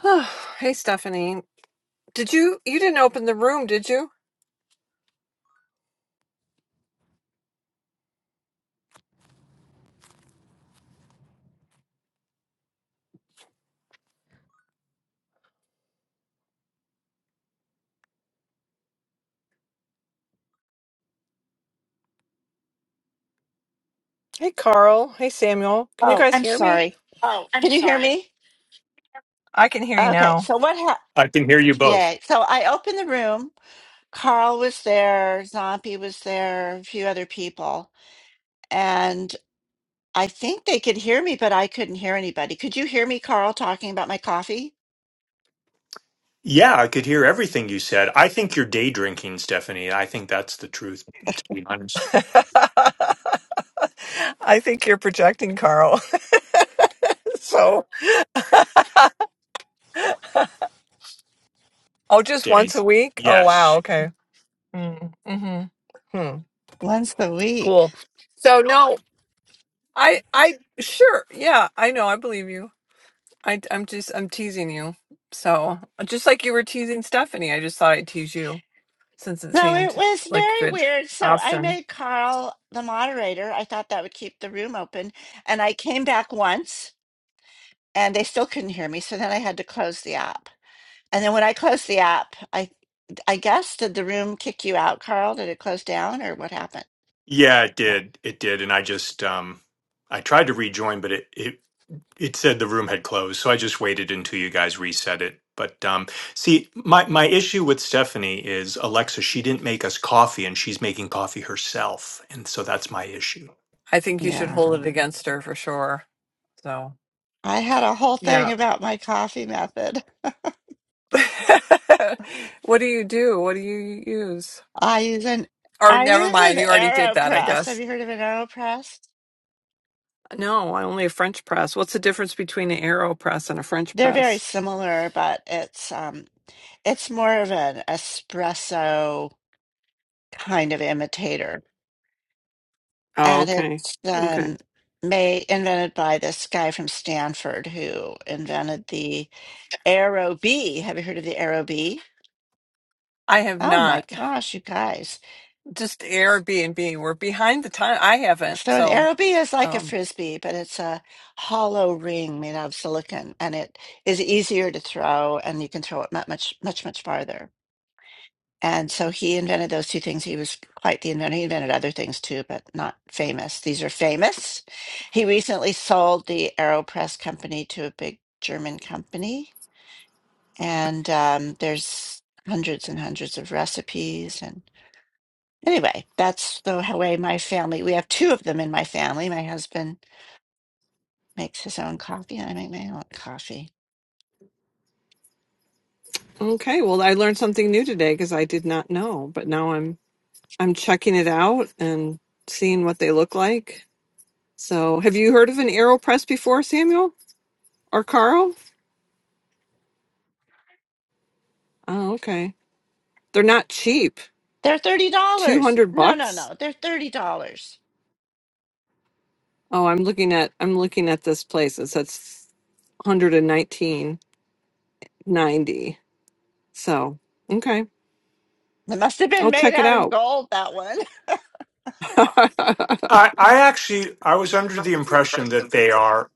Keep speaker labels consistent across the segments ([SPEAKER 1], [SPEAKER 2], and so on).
[SPEAKER 1] Oh, hey, Stephanie. Did you you didn't open the room, did you? Hey, Carl. Hey, Samuel. Can you
[SPEAKER 2] Oh,
[SPEAKER 1] guys
[SPEAKER 2] I'm
[SPEAKER 1] hear me?
[SPEAKER 2] sorry. Can you hear me?
[SPEAKER 1] I can hear you
[SPEAKER 2] Okay,
[SPEAKER 1] now.
[SPEAKER 2] so what happened?
[SPEAKER 3] I can hear you both.
[SPEAKER 2] Yeah. So I opened the room. Carl was there, Zombie was there, a few other people. And I think they could hear me, but I couldn't hear anybody. Could you hear me, Carl, talking about my coffee?
[SPEAKER 3] Yeah, I could hear everything you said. I think you're day drinking, Stephanie. I think that's the truth, to be honest.
[SPEAKER 1] I think you're projecting, Carl. so, oh, just once
[SPEAKER 3] days.
[SPEAKER 1] a week? Oh, wow.
[SPEAKER 3] Yes.
[SPEAKER 1] Okay. Mm, mhm. Hmm.
[SPEAKER 2] Once a week.
[SPEAKER 1] Cool. So no, I I sure. Yeah, I know. I believe you. I I'm just I'm teasing you. So just like you were teasing Stephanie, I just thought I'd tease you since it
[SPEAKER 2] So it
[SPEAKER 1] seemed
[SPEAKER 2] was
[SPEAKER 1] like a
[SPEAKER 2] very
[SPEAKER 1] good
[SPEAKER 2] weird. So I
[SPEAKER 1] option.
[SPEAKER 2] made Carl the moderator. I thought that would keep the room open. And I came back once and they still couldn't hear me. So then I had to close the app. And then when I closed the app, I I guess did the room kick you out, Carl? Did it close down or what happened?
[SPEAKER 3] Yeah, it
[SPEAKER 2] Yeah.
[SPEAKER 3] did. It did. And I just um I tried to rejoin, but it it it said the room had closed. So I just waited until you guys reset it. But um see, my my issue with Stephanie is Alexa, she didn't make us coffee and she's making coffee herself. And so that's my issue.
[SPEAKER 1] I think you should
[SPEAKER 2] Yeah.
[SPEAKER 1] hold it against her for sure. So
[SPEAKER 2] I had a whole thing
[SPEAKER 1] yeah.
[SPEAKER 2] about my coffee method.
[SPEAKER 1] what do you do? What do you use?
[SPEAKER 2] I use an
[SPEAKER 1] Or
[SPEAKER 2] I
[SPEAKER 1] never
[SPEAKER 2] use an
[SPEAKER 1] mind, you already did that, I
[SPEAKER 2] AeroPress. Have
[SPEAKER 1] guess.
[SPEAKER 2] you heard of an AeroPress?
[SPEAKER 1] No, I only a French press. What's the difference between an aero press and a French
[SPEAKER 2] They're very
[SPEAKER 1] press?
[SPEAKER 2] similar, but it's um it's more of an espresso kind of imitator.
[SPEAKER 1] Oh,
[SPEAKER 2] And
[SPEAKER 1] okay.
[SPEAKER 2] it's
[SPEAKER 1] Okay.
[SPEAKER 2] um made invented by this guy from Stanford who invented the Aero bee. Have you heard of the Aero bee?
[SPEAKER 1] I have
[SPEAKER 2] Oh my
[SPEAKER 1] not.
[SPEAKER 2] gosh, you guys.
[SPEAKER 1] Just Airbnb. We're behind the time. I haven't.
[SPEAKER 2] So an
[SPEAKER 1] So,
[SPEAKER 2] Aero bee is like a
[SPEAKER 1] um,
[SPEAKER 2] frisbee, but it's a hollow ring made out of silicon and it is easier to throw and you can throw it mu- much, much, much farther. And so he invented those two things. He was quite the inventor. He invented other things too, but not famous. These are famous. He recently sold the AeroPress company to a big German company. And um, there's hundreds and hundreds of recipes and Anyway, that's the h- way my family, we have two of them in my family. My husband makes his own coffee and I make my own coffee.
[SPEAKER 1] Okay. Well, I learned something new today because I did not know, but now I'm I'm checking it out and seeing what they look like. So, have you heard of an AeroPress before, Samuel or Carl? Oh, okay. They're not cheap.
[SPEAKER 2] They're $30.
[SPEAKER 1] 200
[SPEAKER 2] No, no,
[SPEAKER 1] bucks?
[SPEAKER 2] no. They're $30.
[SPEAKER 1] Oh, I'm looking at I'm looking at this place. It says 119.90. So, okay.
[SPEAKER 2] They must have been
[SPEAKER 1] I'll
[SPEAKER 2] made
[SPEAKER 1] check it
[SPEAKER 2] out of
[SPEAKER 1] out.
[SPEAKER 2] gold, that one.
[SPEAKER 3] I, I actually I was under the impression that they are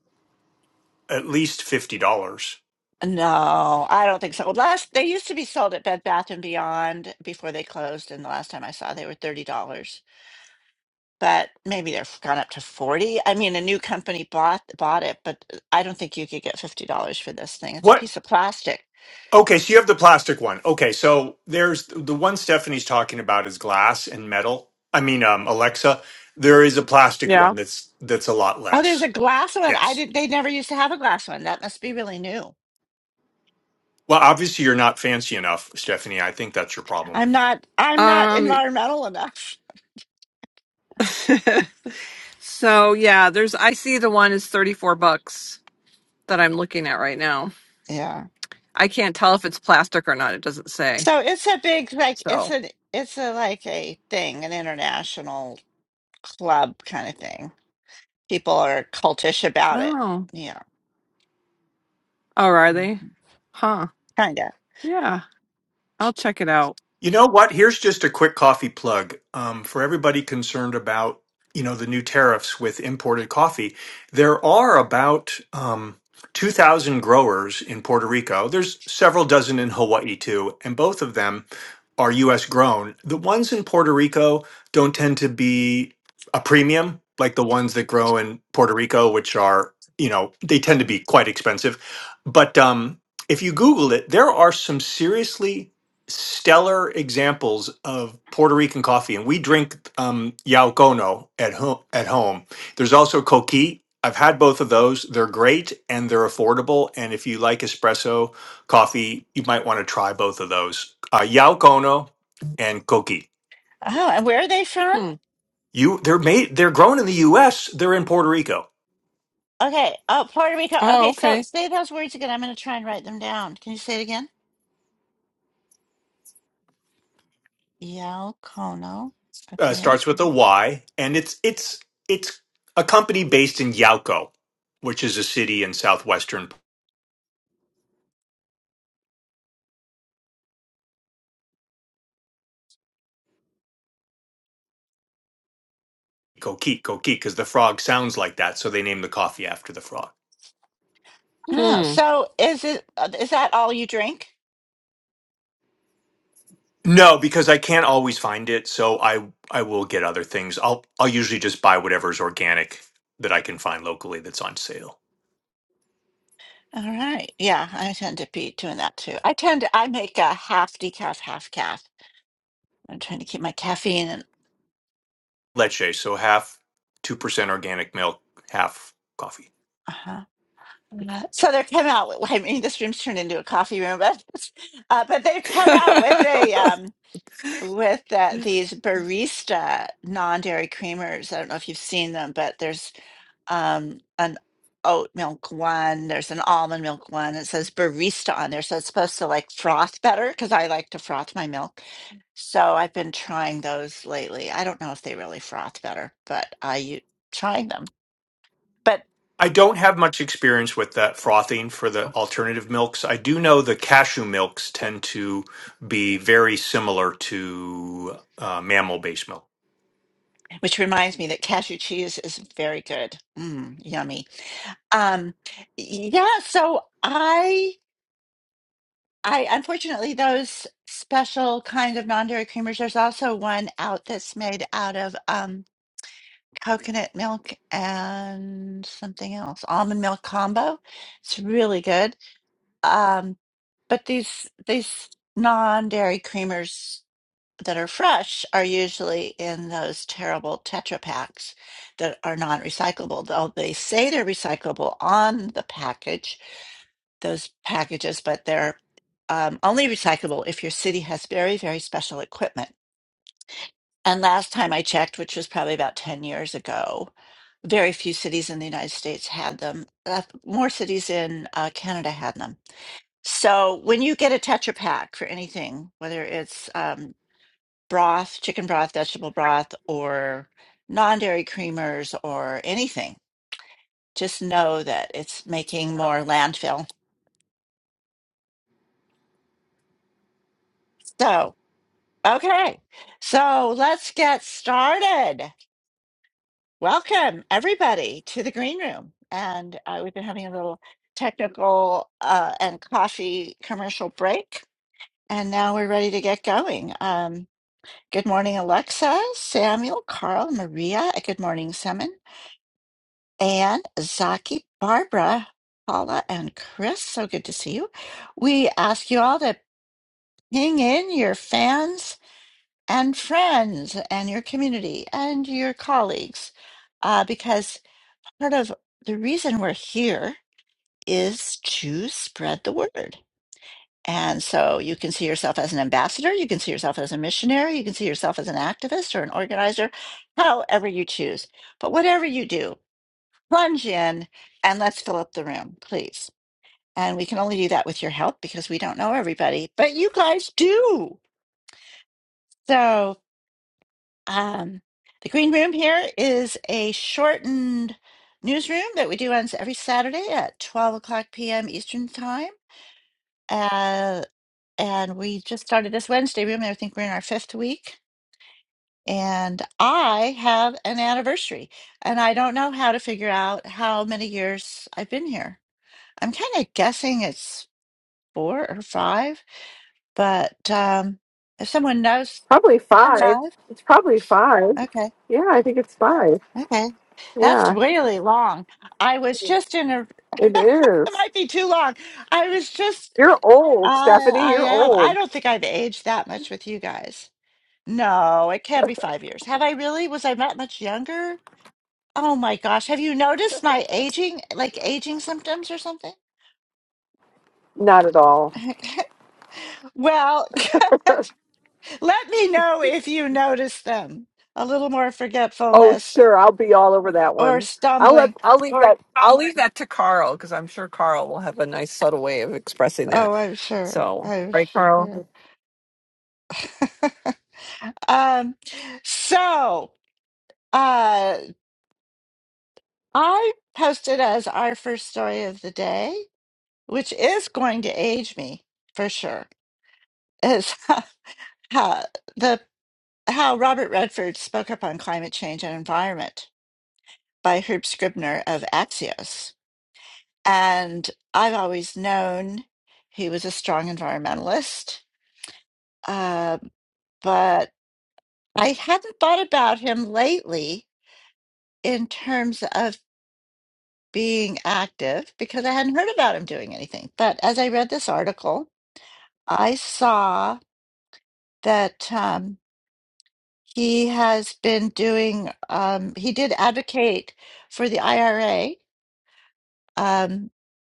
[SPEAKER 3] at least fifty dollars.
[SPEAKER 2] No, I don't think so. Last they used to be sold at Bed Bath and Beyond before they closed, and the last time I saw they were $30. But maybe they've gone up to 40. I mean, a new company bought bought it, but uh, I don't think you could get $50 for this thing. It's a
[SPEAKER 3] What?
[SPEAKER 2] piece of plastic
[SPEAKER 3] Okay, so you have the plastic one. Okay, so there's the one Stephanie's talking about is glass and metal. I mean, um, Alexa, there is a plastic one
[SPEAKER 1] yeah.
[SPEAKER 3] that's that's a lot
[SPEAKER 2] Oh, there's a
[SPEAKER 3] less.
[SPEAKER 2] glass one. I
[SPEAKER 3] Yes.
[SPEAKER 2] did. They never used to have a glass one. That must be really new.
[SPEAKER 3] Well, obviously you're not fancy enough, Stephanie. I think that's your problem.
[SPEAKER 2] I'm not. I'm not
[SPEAKER 1] Um
[SPEAKER 2] environmental enough.
[SPEAKER 1] so yeah, there's I see the one is 34 bucks that I'm looking at right now.
[SPEAKER 2] Yeah.
[SPEAKER 1] I can't tell if it's plastic or not. It doesn't say.
[SPEAKER 2] So it's a big like. It's
[SPEAKER 1] So,
[SPEAKER 2] an. It's a like a thing, an international club kind of thing. People are cultish about it.
[SPEAKER 1] oh.
[SPEAKER 2] Yeah.
[SPEAKER 1] Oh, are they? Huh.
[SPEAKER 2] Kind of.
[SPEAKER 1] Yeah. I'll check it out.
[SPEAKER 3] You know what? Here's just a quick coffee plug um, for everybody concerned about you know the new tariffs with imported coffee. There are about um, 2,000 growers in Puerto Rico. There's several dozen in Hawaii too, and both of them are U.S. grown. The ones in Puerto Rico don't tend to be a premium like the ones that grow in Puerto Rico, which are you know they tend to be quite expensive. But um, if you Google it, there are some seriously stellar examples of Puerto Rican coffee, and we drink um, Yaucono at home. At home, there's also Coqui. I've had both of those. They're great and they're affordable. And if you like espresso coffee, you might want to try both of those. Uh, Yaucono and Coqui.
[SPEAKER 2] Oh, and where are they from?
[SPEAKER 1] Hmm.
[SPEAKER 3] You, they're made. They're grown in the U.S. They're in Puerto Rico.
[SPEAKER 2] Okay. Oh, Puerto Rico.
[SPEAKER 1] Oh,
[SPEAKER 2] Okay. So
[SPEAKER 1] okay.
[SPEAKER 2] say those words again. I'm going to try and write them down. Can you say it again? Yaucono.
[SPEAKER 3] Uh,
[SPEAKER 2] Okay.
[SPEAKER 3] starts with a Y, and it's it's it's a company based in Yauco, which is a city in southwestern Coquille, Coquille, because the frog sounds like that, so they named the coffee after the frog.
[SPEAKER 2] Oh,
[SPEAKER 1] Hmm.
[SPEAKER 2] so is it? uh, Is that all you drink?
[SPEAKER 3] No, because I can't always find it, so I I will get other things. I'll I'll usually just buy whatever's organic that I can find locally that's on sale.
[SPEAKER 2] All right. Yeah, I tend to be doing that too. I tend to, I make a half decaf, half calf. I'm trying to keep my caffeine and
[SPEAKER 3] Leche, so half two percent organic milk, half coffee.
[SPEAKER 2] uh-huh. Uh, So they've come out with, I mean, this room's turned into a coffee room, but uh, but they've come out with a um with uh, these barista non-dairy creamers. I don't know if you've seen them, but there's um an oat milk one, there's an almond milk one. It says barista on there, so it's supposed to like froth better because I like to froth my milk So I've been trying those lately. I don't know if they really froth better, but I u- trying them. But
[SPEAKER 3] I don't have much experience with that frothing for the alternative milks. I do know the cashew milks tend to be very similar to uh, mammal-based milk.
[SPEAKER 2] which reminds me that cashew cheese is very good. Mm, yummy. Um, yeah. So I, I unfortunately those special kind of non-dairy creamers. There's also one out that's made out of um, coconut milk and something else, almond milk combo. It's really good Um, but these these non-dairy creamers that are fresh are usually in those terrible Tetra packs that are non-recyclable. Though they say they're recyclable on the package, those packages, but they're um, only recyclable if your city has very, very special equipment. And last time I checked, which was probably about 10 years ago, very few cities in the United States had them. Uh, more cities in uh, Canada had them so when you get a Tetra Pak for anything, whether it's um, broth, chicken broth, vegetable broth, or non-dairy creamers or anything, just know that it's making more landfill. So, okay. So let's get started. Welcome everybody to the green room. And uh, we've been having a little technical uh, and coffee commercial break. And now we're ready to get going. Um, Good morning, Alexa, Samuel, Carl, Maria. and Good morning, Simon, and Zaki, Barbara, Paula, and Chris. So good to see you. We ask you all to ping in your fans and friends and your community and your colleagues uh, because part of the reason we're here is to spread the word. And so you can see yourself as an ambassador, you can see yourself as a missionary, you can see yourself as an activist or an organizer, however you choose. But whatever you do, plunge in and let's fill up the room, please. And we can only do that with your help because we don't know everybody, but you guys do. So um, the Green Room here is a shortened newsroom that we do on every Saturday at 12 o'clock p.m. Eastern Time. Uh, and we just started this Wednesday room. and I think we're in our fifth week, and I have an anniversary, and I don't know how to figure out how many years I've been here. I'm kind of guessing it's four or five, but um, if someone knows,
[SPEAKER 1] Probably five.
[SPEAKER 2] five.
[SPEAKER 1] It's probably five.
[SPEAKER 2] Okay,
[SPEAKER 1] Yeah, I think it's five.
[SPEAKER 2] okay, that's
[SPEAKER 1] Yeah,
[SPEAKER 2] really long. I was just in a.
[SPEAKER 1] it
[SPEAKER 2] it
[SPEAKER 1] is.
[SPEAKER 2] might be too long. I was just.
[SPEAKER 1] You're old,
[SPEAKER 2] I
[SPEAKER 1] Stephanie.
[SPEAKER 2] I
[SPEAKER 1] You're
[SPEAKER 2] am. I
[SPEAKER 1] old.
[SPEAKER 2] don't think I've aged that much with you guys. No, it can't be five years. Have I really? Was I not much younger? Oh my gosh. Have you noticed my aging, like aging symptoms or something?
[SPEAKER 1] Not at all.
[SPEAKER 2] Well, let me know if you notice them. A little more
[SPEAKER 1] Oh,
[SPEAKER 2] forgetfulness
[SPEAKER 1] sure. I'll be all over that
[SPEAKER 2] or
[SPEAKER 1] one. I'll let
[SPEAKER 2] stumbling.
[SPEAKER 1] I'll leave that I'll leave that to Carl because I'm sure Carl will have a nice subtle way of expressing that.
[SPEAKER 2] Oh, I'm sure.
[SPEAKER 1] So,
[SPEAKER 2] I'm
[SPEAKER 1] right,
[SPEAKER 2] sure.
[SPEAKER 1] Carl.
[SPEAKER 2] Um, so, uh, I posted as our first story of the day, which is going to age me for sure. Is how the how Robert Redford spoke up on climate change and environment by Herb Scribner of Axios. And I've always known he was a strong environmentalist, uh, but I hadn't thought about him lately in terms of being active because I hadn't heard about him doing anything. But as I read this article, I saw that. Um, He has been doing, um, he did advocate for the IRA, um,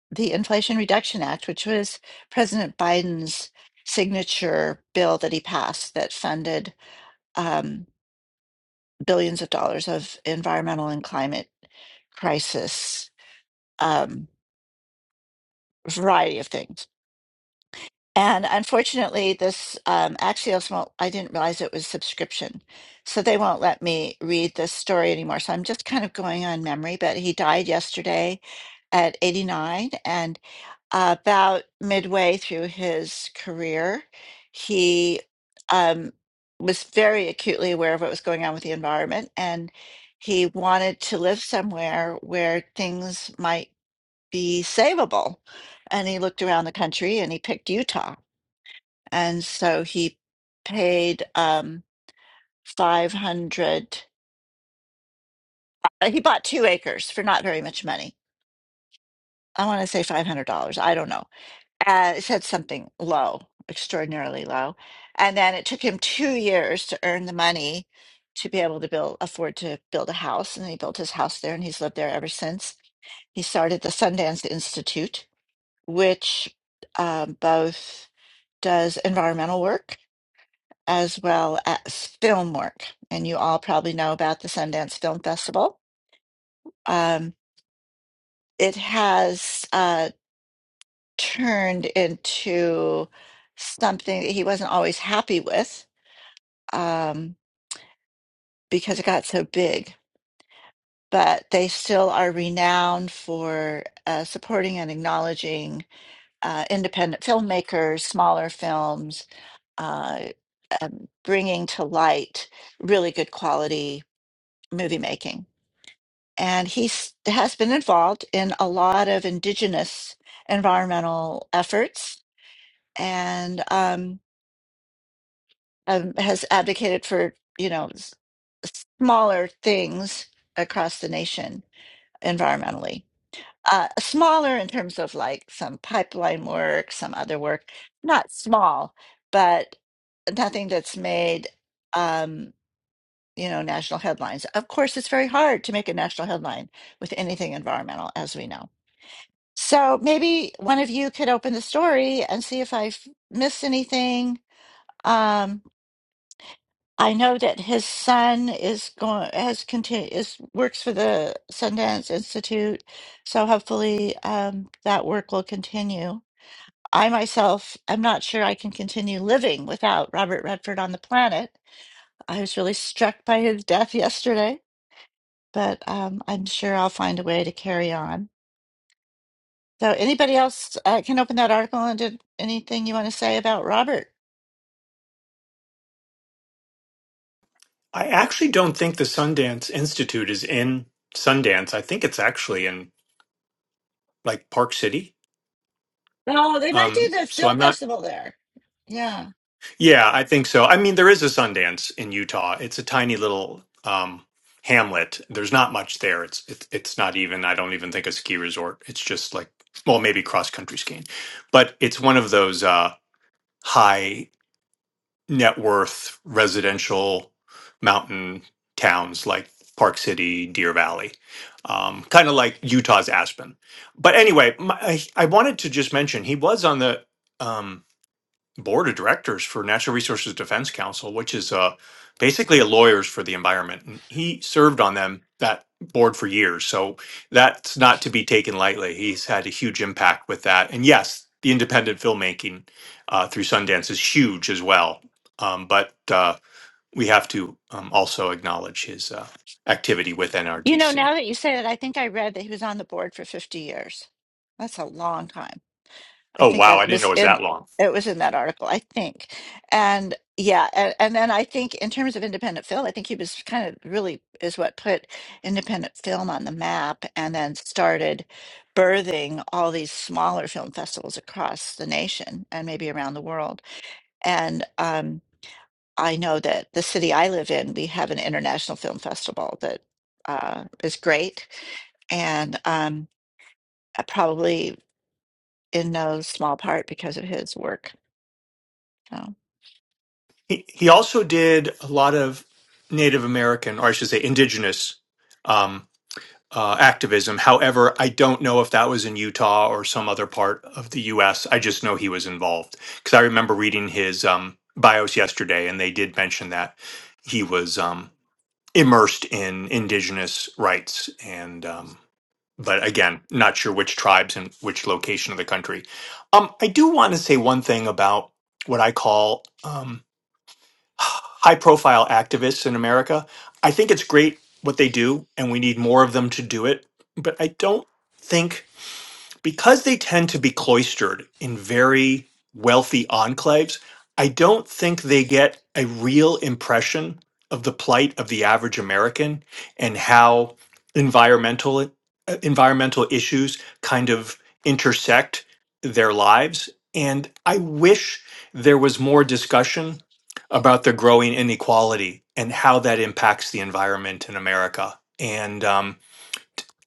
[SPEAKER 2] the Inflation Reduction Act, which was President Biden's signature bill that he passed that funded um, billions of dollars of environmental and climate crisis, um, variety of things. And unfortunately, this um, Axios won't, I didn't realize it was subscription. So they won't let me read this story anymore. So I'm just kind of going on memory, but he died yesterday at 89. And uh, about midway through his career, he um, was very acutely aware of what was going on with the environment. And he wanted to live somewhere where things might be savable. And he looked around the country and he picked Utah and so he paid um 500 uh, he bought two acres for not very much money i want to say $500 i don't know uh, it said something low extraordinarily low and then it took him two years to earn the money to be able to build afford to build a house and he built his house there and he's lived there ever since he started the sundance institute which um, both does environmental work as well as film work. And you all probably know about the Sundance Film Festival. Um, it has uh, turned into something that he wasn't always happy with um, because it got so big. But they still are renowned for uh, supporting and acknowledging uh, independent filmmakers, smaller films, uh, um, bringing to light really good quality movie making. and he s- has been involved in a lot of indigenous environmental efforts and um, um, has advocated for you know s- smaller things across the nation environmentally uh, smaller in terms of like some pipeline work some other work not small but nothing that's made um, you know national headlines of course it's very hard to make a national headline with anything environmental as we know So maybe one of you could open the story and see if I've missed anything. Um, I know that his son is going has continu- is works for the Sundance Institute, so hopefully um, that work will continue. I myself am not sure I can continue living without Robert Redford on the planet. I was really struck by his death yesterday, but um, I'm sure I'll find a way to carry on. So anybody else uh, can open that article and did anything you want to say about Robert?
[SPEAKER 3] I actually don't think the Sundance Institute is in Sundance. I think it's actually in like Park City.
[SPEAKER 2] No, they might do
[SPEAKER 3] Um,
[SPEAKER 2] the
[SPEAKER 3] so I'm
[SPEAKER 2] film
[SPEAKER 3] not.
[SPEAKER 2] festival there. Yeah.
[SPEAKER 3] Yeah, I think so. I mean, there is a Sundance in Utah. It's a tiny little um, hamlet. There's not much there. It's it, it's not even. I don't even think a ski resort. It's just like well, maybe cross country skiing, but it's one of those uh, high. net worth residential mountain towns like Park City, Deer Valley, um, kind of like Utah's Aspen. But anyway, my, I, I wanted to just mention he was on the. um, board of directors for Natural Resources Defense Council, which is uh, basically a lawyers for the environment. And he served on them that board for years, so that's not to be taken lightly. He's had a huge impact with that, and yes, the independent filmmaking uh, through Sundance is huge as well. Um, but uh, we have to um, also acknowledge his uh, activity with
[SPEAKER 2] You know, now
[SPEAKER 3] NRDC.
[SPEAKER 2] that you say that, I think I read that he was on the board for 50 years. That's a long time. I
[SPEAKER 3] Oh
[SPEAKER 2] think
[SPEAKER 3] wow, I
[SPEAKER 2] that
[SPEAKER 3] didn't know
[SPEAKER 2] was
[SPEAKER 3] it was
[SPEAKER 2] in
[SPEAKER 3] that long.
[SPEAKER 2] it was in that article, I think. And yeah, and, and then I think in terms of independent film, I think he was kind of really is what put independent film on the map and then started birthing all these smaller film festivals across the nation and maybe around the world. And um, I know that the city I live in, we have an international film festival that uh, is great and um, uh, probably in no small part because of his work. Oh,
[SPEAKER 3] He he also did a lot of Native American, or I should say, indigenous. um, uh, activism. However, I don't know if that was in Utah or some other part of the U.S. I just know he was involved because I remember reading his um, bios yesterday, and they did mention that he was um, immersed in indigenous rights. And um, but again, not sure which tribes and which location of the country. Um, I do want to say one thing about what I call. Um, high profile activists in America. I think it's great what they do, and we need more of them to do it. But I don't think because they tend to be cloistered in very wealthy enclaves, I don't think they get a real impression of the plight of the average American and how environmental uh, environmental issues kind of intersect their lives. And I wish there was more discussion about the growing inequality and how that impacts the environment in America. And um,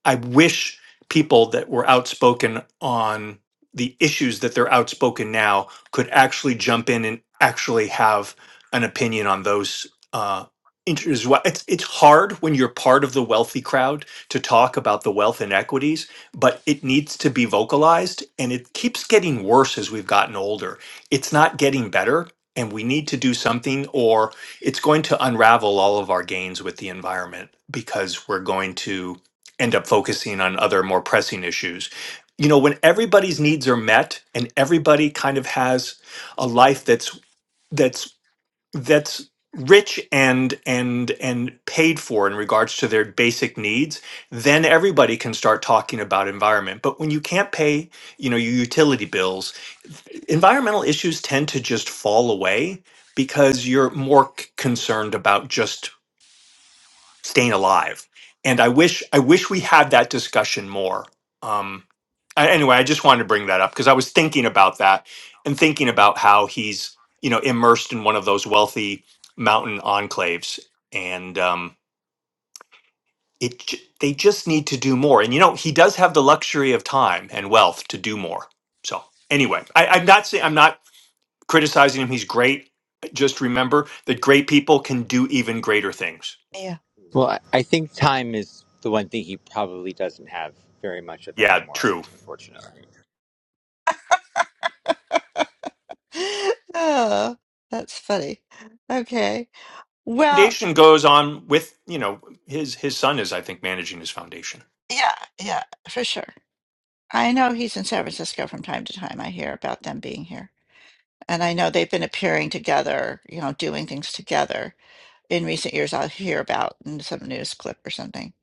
[SPEAKER 3] I wish people that were outspoken on the issues that they're outspoken now could actually jump in and actually have an opinion on those uh, issues. Why- It's it's hard when you're part of the wealthy crowd to talk about the wealth inequities, but it needs to be vocalized, and it keeps getting worse as we've gotten older. It's not getting better. And we need to do something, or it's going to unravel all of our gains with the environment because we're going to end up focusing on other more pressing issues. You know, when everybody's needs are met and everybody kind of has a life that's that's that's rich and and and paid for in regards to their basic needs, then everybody can start talking about environment. But when you can't pay, you know, your utility bills, environmental issues tend to just fall away because you're more c- concerned about just staying alive. And I wish I wish we had that discussion more. Um, I- anyway, I just wanted to bring that up because I was thinking about that and thinking about how he's you know immersed in one of those wealthy mountain enclaves, and um, it j- they just need to do more. And you know he does have the luxury of time and wealth to do more. So anyway, I, I'm not saying I'm not criticizing him. He's great. Just remember that great people can do even greater things.
[SPEAKER 2] yeah.
[SPEAKER 4] Well, I I think time is the one thing he probably doesn't have very much of
[SPEAKER 3] Yeah,
[SPEAKER 4] anymore,
[SPEAKER 3] true.
[SPEAKER 4] unfortunately.
[SPEAKER 2] Oh, that's funny. Okay. Well,
[SPEAKER 3] foundation goes on with you know his his son is I think managing his foundation.
[SPEAKER 2] yeah, yeah, for sure. I know he's in San Francisco from time to time. I hear about them being here. And I know they've been appearing together, you know, doing things together. In recent years, I'll hear about in some news clip or something.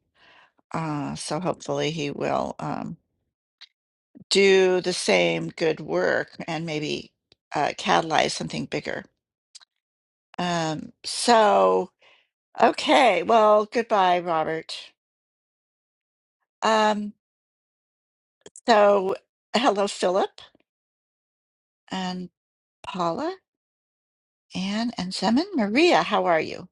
[SPEAKER 2] Uh, so hopefully he will um, do the same good work and maybe uh, catalyze something bigger. Um, so, okay. Well, goodbye, Robert. Um, so, hello, Philip and Paula, Anne and Semin. Maria, how are you?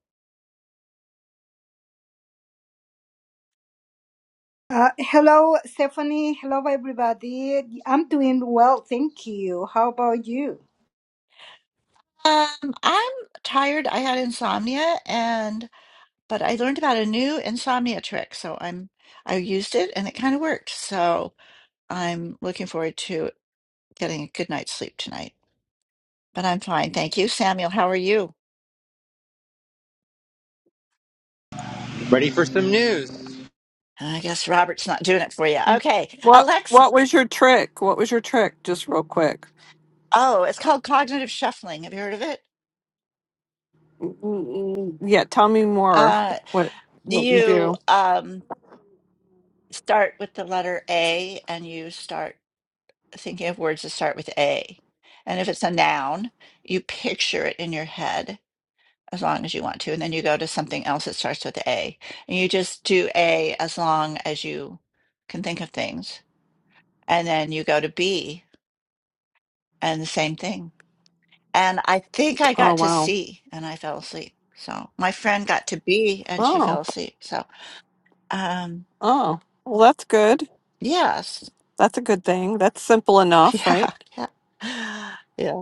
[SPEAKER 5] Uh, hello, Stephanie. Hello, everybody. I'm doing well, thank you. How about you?
[SPEAKER 2] Um, I'm tired. I had insomnia and but I learned about a new insomnia trick. So I'm I used it and it kind of worked. So I'm looking forward to getting a good night's sleep tonight. But I'm fine. Thank you. Samuel, how are you?
[SPEAKER 4] Ready for some news?
[SPEAKER 2] I guess Robert's not doing it for you. Okay.
[SPEAKER 1] What
[SPEAKER 2] Alexa.
[SPEAKER 1] What was your trick? What was your trick? Just real quick.
[SPEAKER 2] Oh, it's called cognitive shuffling. Have you heard of it?
[SPEAKER 1] Mm, mm, mm. Yeah, tell me more.
[SPEAKER 2] Uh,
[SPEAKER 1] What What you
[SPEAKER 2] you
[SPEAKER 1] do?
[SPEAKER 2] um start with the letter A and you start thinking of words that start with A. And if it's a noun, you picture it in your head as long as you want to. And then you go to something else that starts with A. And you just do A as long as you can think of things. And then you go to B and the same thing. And I think I
[SPEAKER 1] Oh,
[SPEAKER 2] got to
[SPEAKER 1] wow.
[SPEAKER 2] C and I fell asleep. So my friend got to B and she fell
[SPEAKER 1] Oh,
[SPEAKER 2] asleep. So, um,
[SPEAKER 1] oh. Well, that's good.
[SPEAKER 2] yes.
[SPEAKER 1] That's a good thing. That's simple enough,
[SPEAKER 2] Yeah.
[SPEAKER 1] right?
[SPEAKER 2] Yeah. Yeah.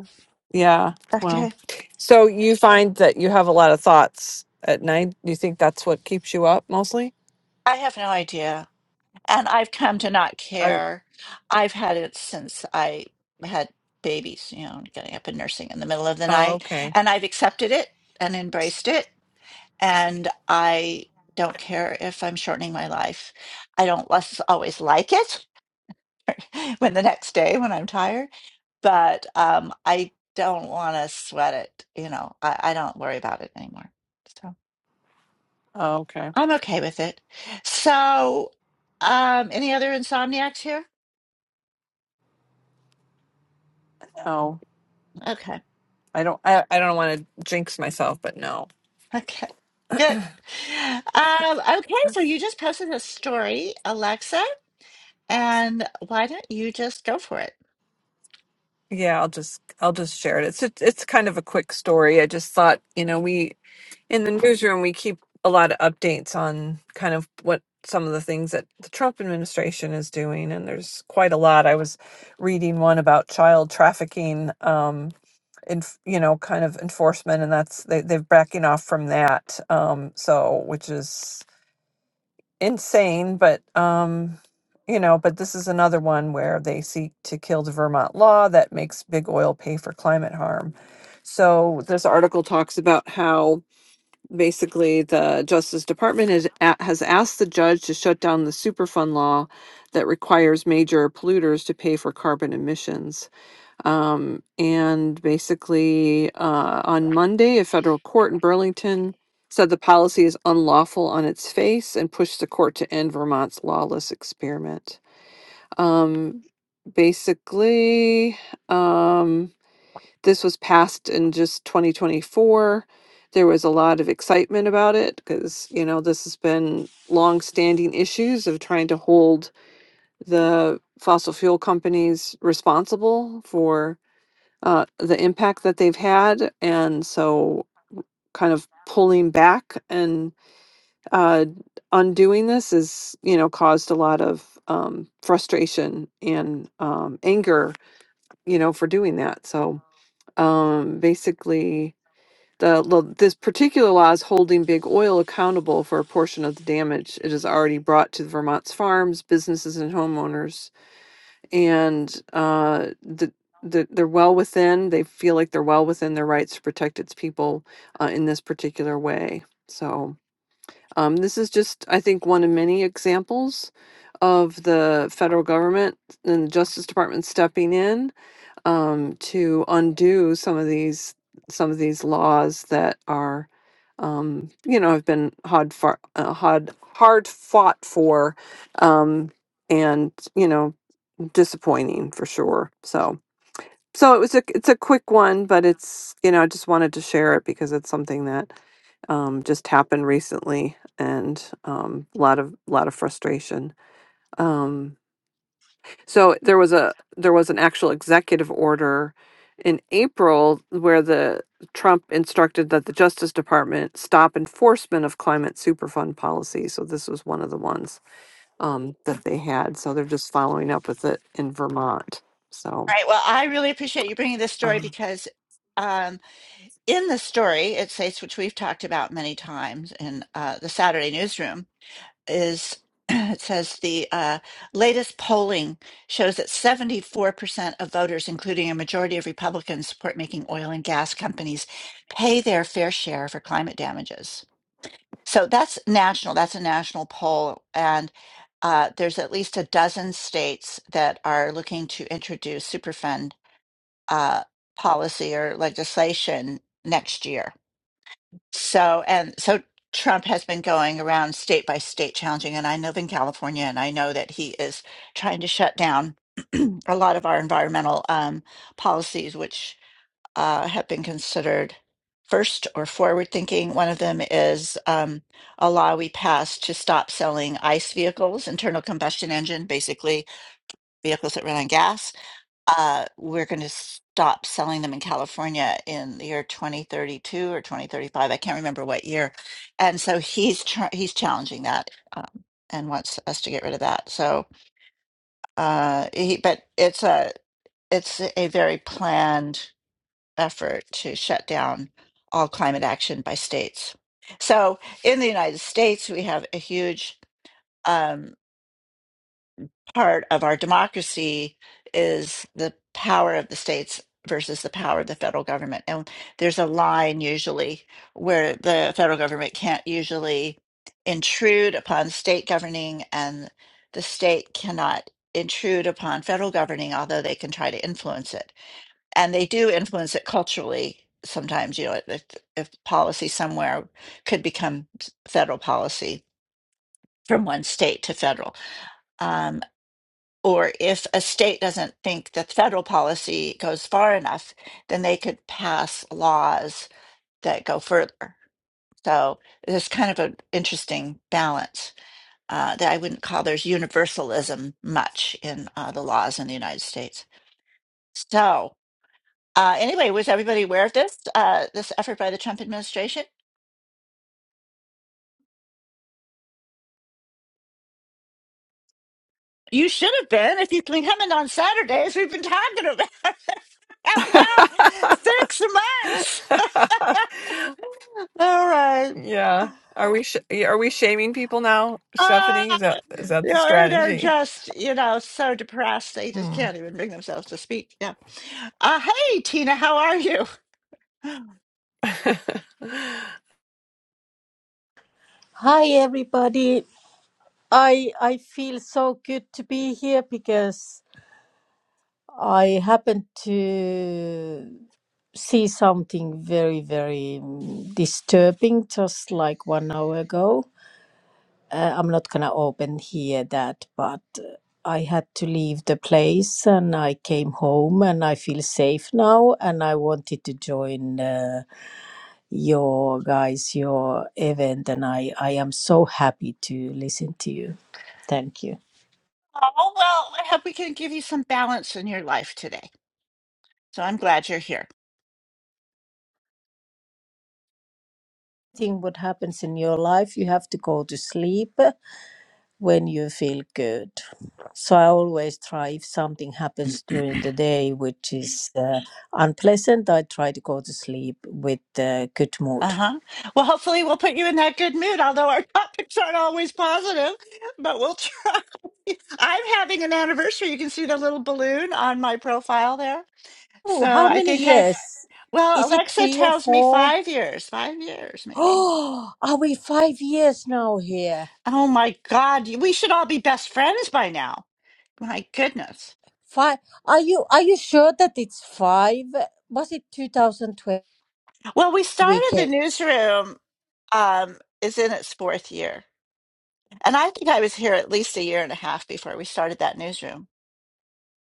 [SPEAKER 1] Yeah.
[SPEAKER 2] Okay.
[SPEAKER 1] Well, so you find that you have a lot of thoughts at night. You think that's what keeps you up mostly?
[SPEAKER 2] I have no idea. And I've come to not
[SPEAKER 1] Oh,
[SPEAKER 2] care. I've had it since I had babies, you know, getting up and nursing in the middle of the
[SPEAKER 1] oh,
[SPEAKER 2] night.
[SPEAKER 1] okay.
[SPEAKER 2] And I've accepted it and embraced it. And I don't care if I'm shortening my life. I don't less always like it when the next day when I'm tired, but um, I don't want to sweat it. You know, I, I don't worry about it anymore. so.
[SPEAKER 1] Oh, okay.
[SPEAKER 2] I'm okay with it. So, um, any other insomniacs here?
[SPEAKER 1] Oh,
[SPEAKER 2] Okay.
[SPEAKER 1] I don't. I, I don't want to jinx myself, but no.
[SPEAKER 2] Okay. Good. Um, okay. So you
[SPEAKER 1] That's-
[SPEAKER 2] just posted a story, Alexa, and why don't you just go for it?
[SPEAKER 1] Yeah, I'll just I'll just share it. It's a, it's kind of a quick story. I just thought, you know, we in the newsroom we keep a lot of updates on kind of what some of the things that the Trump administration is doing, and there's quite a lot. I was reading one about child trafficking. Um, in, you know kind of enforcement and that's they, they're backing off from that um so which is insane, but um, you know, but this is another one where they seek to kill the Vermont law that makes big oil pay for climate harm. So this article talks about how basically the Justice Department has, a- has asked the judge to shut down the Superfund law that requires major polluters to pay for carbon emissions um, and basically, uh, on Monday, a federal court in Burlington said the policy is unlawful on its face and pushed the court to end Vermont's lawless experiment. Um, basically, um, this was passed in just 2024. There was a lot of excitement about it because, you know, this has been long-standing issues of trying to hold the fossil fuel companies responsible for uh, the impact that they've had, and so kind of pulling back and uh, undoing this is you know caused a lot of um, frustration and um, anger, you know, for doing that. So um, basically. The, lo- this particular law is holding big oil accountable for a portion of the damage it has already brought to Vermont's farms, businesses, and homeowners and uh, the, the, they're well within, they feel like they're well within their rights to protect its people uh, in this particular way. So, um, this is just, I think, one of many examples of the federal government and the Justice Department stepping in um, to undo some of these some of these laws that are, um, you know, have been hard far, uh, hard hard fought for, um, and you know disappointing for sure. So so it was a it's a quick one, but it's you know I just wanted to share it because it's something that um, just happened recently and um, a lot of a lot of frustration. Um, so there was a there was an actual executive order in April where the Trump instructed that the Justice Department stop enforcement of climate superfund policy. So this was one of the ones um, that they had. So they're just following up with it in Vermont. So
[SPEAKER 2] All right. Well, I really appreciate you bringing this story
[SPEAKER 1] Uh.
[SPEAKER 2] because um, in the story, it states, which we've talked about many times in uh, the Saturday newsroom, is it says the uh, latest polling shows that 74% of voters, including a majority of Republicans, support making oil and gas companies pay their fair share for climate damages. So that's national. That's a national poll. And uh, there's at least a dozen states that are looking to introduce Superfund uh, policy or legislation next year so, and so Trump has been going around state by state challenging, and I live in California, and I know that he is trying to shut down a lot of our environmental um, policies, which uh, have been considered first or forward thinking. One of them is um, a law we passed to stop selling ICE vehicles, internal combustion engine, basically vehicles that run on gas uh, we're going to stop selling them in California in the year 2032 or 2035. I can't remember what year. And so he's tr- he's challenging that um, and wants us to get rid of that. So, uh, he, but it's a it's a very planned effort to shut down all climate action by states. So in the United States, we have a huge. um, part of our democracy is the power of the states versus the power of the federal government. And there's a line usually where the federal government can't usually intrude upon state governing and the state cannot intrude upon federal governing, although they can try to influence it. And they do influence it culturally sometimes, you know, if, if policy somewhere could become federal policy from one state to federal. Um, or if a state doesn't think that federal policy goes far enough, then they could pass laws that go further. So there's kind of an interesting balance uh, that I wouldn't call there's universalism much in uh, the laws in the United States. So uh, anyway, was everybody aware of this uh, this effort by the Trump administration? You should have been if you've been coming on Saturdays. We've been talking about about six months. All right.
[SPEAKER 1] yeah. Are we sh- are we shaming people now,
[SPEAKER 2] Ah,
[SPEAKER 1] Stephanie? Is that is that
[SPEAKER 2] you
[SPEAKER 1] the
[SPEAKER 2] know, or they're
[SPEAKER 1] strategy?
[SPEAKER 2] just, you know, so depressed they just
[SPEAKER 1] Hmm.
[SPEAKER 2] can't even bring themselves to speak. Yeah. Uh, hey, Tina, how are you?
[SPEAKER 6] Hi everybody. I I feel so good to be here because I happened to see something very very mm, disturbing just like one hour ago. Uh, I'm not gonna open here that, but uh, I had to leave the place and I came home and I feel safe now and I wanted to join uh, your guys your event and I I am so happy to listen to you. Thank you.
[SPEAKER 2] Oh, well, I hope we can give you some balance in your life today. So I'm glad you're here.
[SPEAKER 6] Thing what happens in your life, you have to go to sleep when you feel good. So I always try if something happens during the day which is uh, unpleasant, I try to go to sleep with uh, good
[SPEAKER 2] Uh
[SPEAKER 6] mood.
[SPEAKER 2] huh. Well, hopefully, we'll put you in that good mood, although our topics aren't always positive, but we'll try. I'm having an anniversary. You can see the little balloon on my profile there. So
[SPEAKER 6] Oh, how
[SPEAKER 2] I
[SPEAKER 6] many
[SPEAKER 2] think
[SPEAKER 6] years?
[SPEAKER 2] I've, well,
[SPEAKER 6] Is it
[SPEAKER 2] Alexa
[SPEAKER 6] three or
[SPEAKER 2] tells me
[SPEAKER 6] four?
[SPEAKER 2] five years, five years maybe.
[SPEAKER 6] Oh, are we five years now here?
[SPEAKER 2] Oh my God, you- we should all be best friends by now. My goodness.
[SPEAKER 6] Five? Are you are you sure that it's five? Was it 2012
[SPEAKER 2] Well, we started the
[SPEAKER 6] weekend?
[SPEAKER 2] newsroom, um, is in its fourth year. And I think I was here at least a year and a half before we started that newsroom.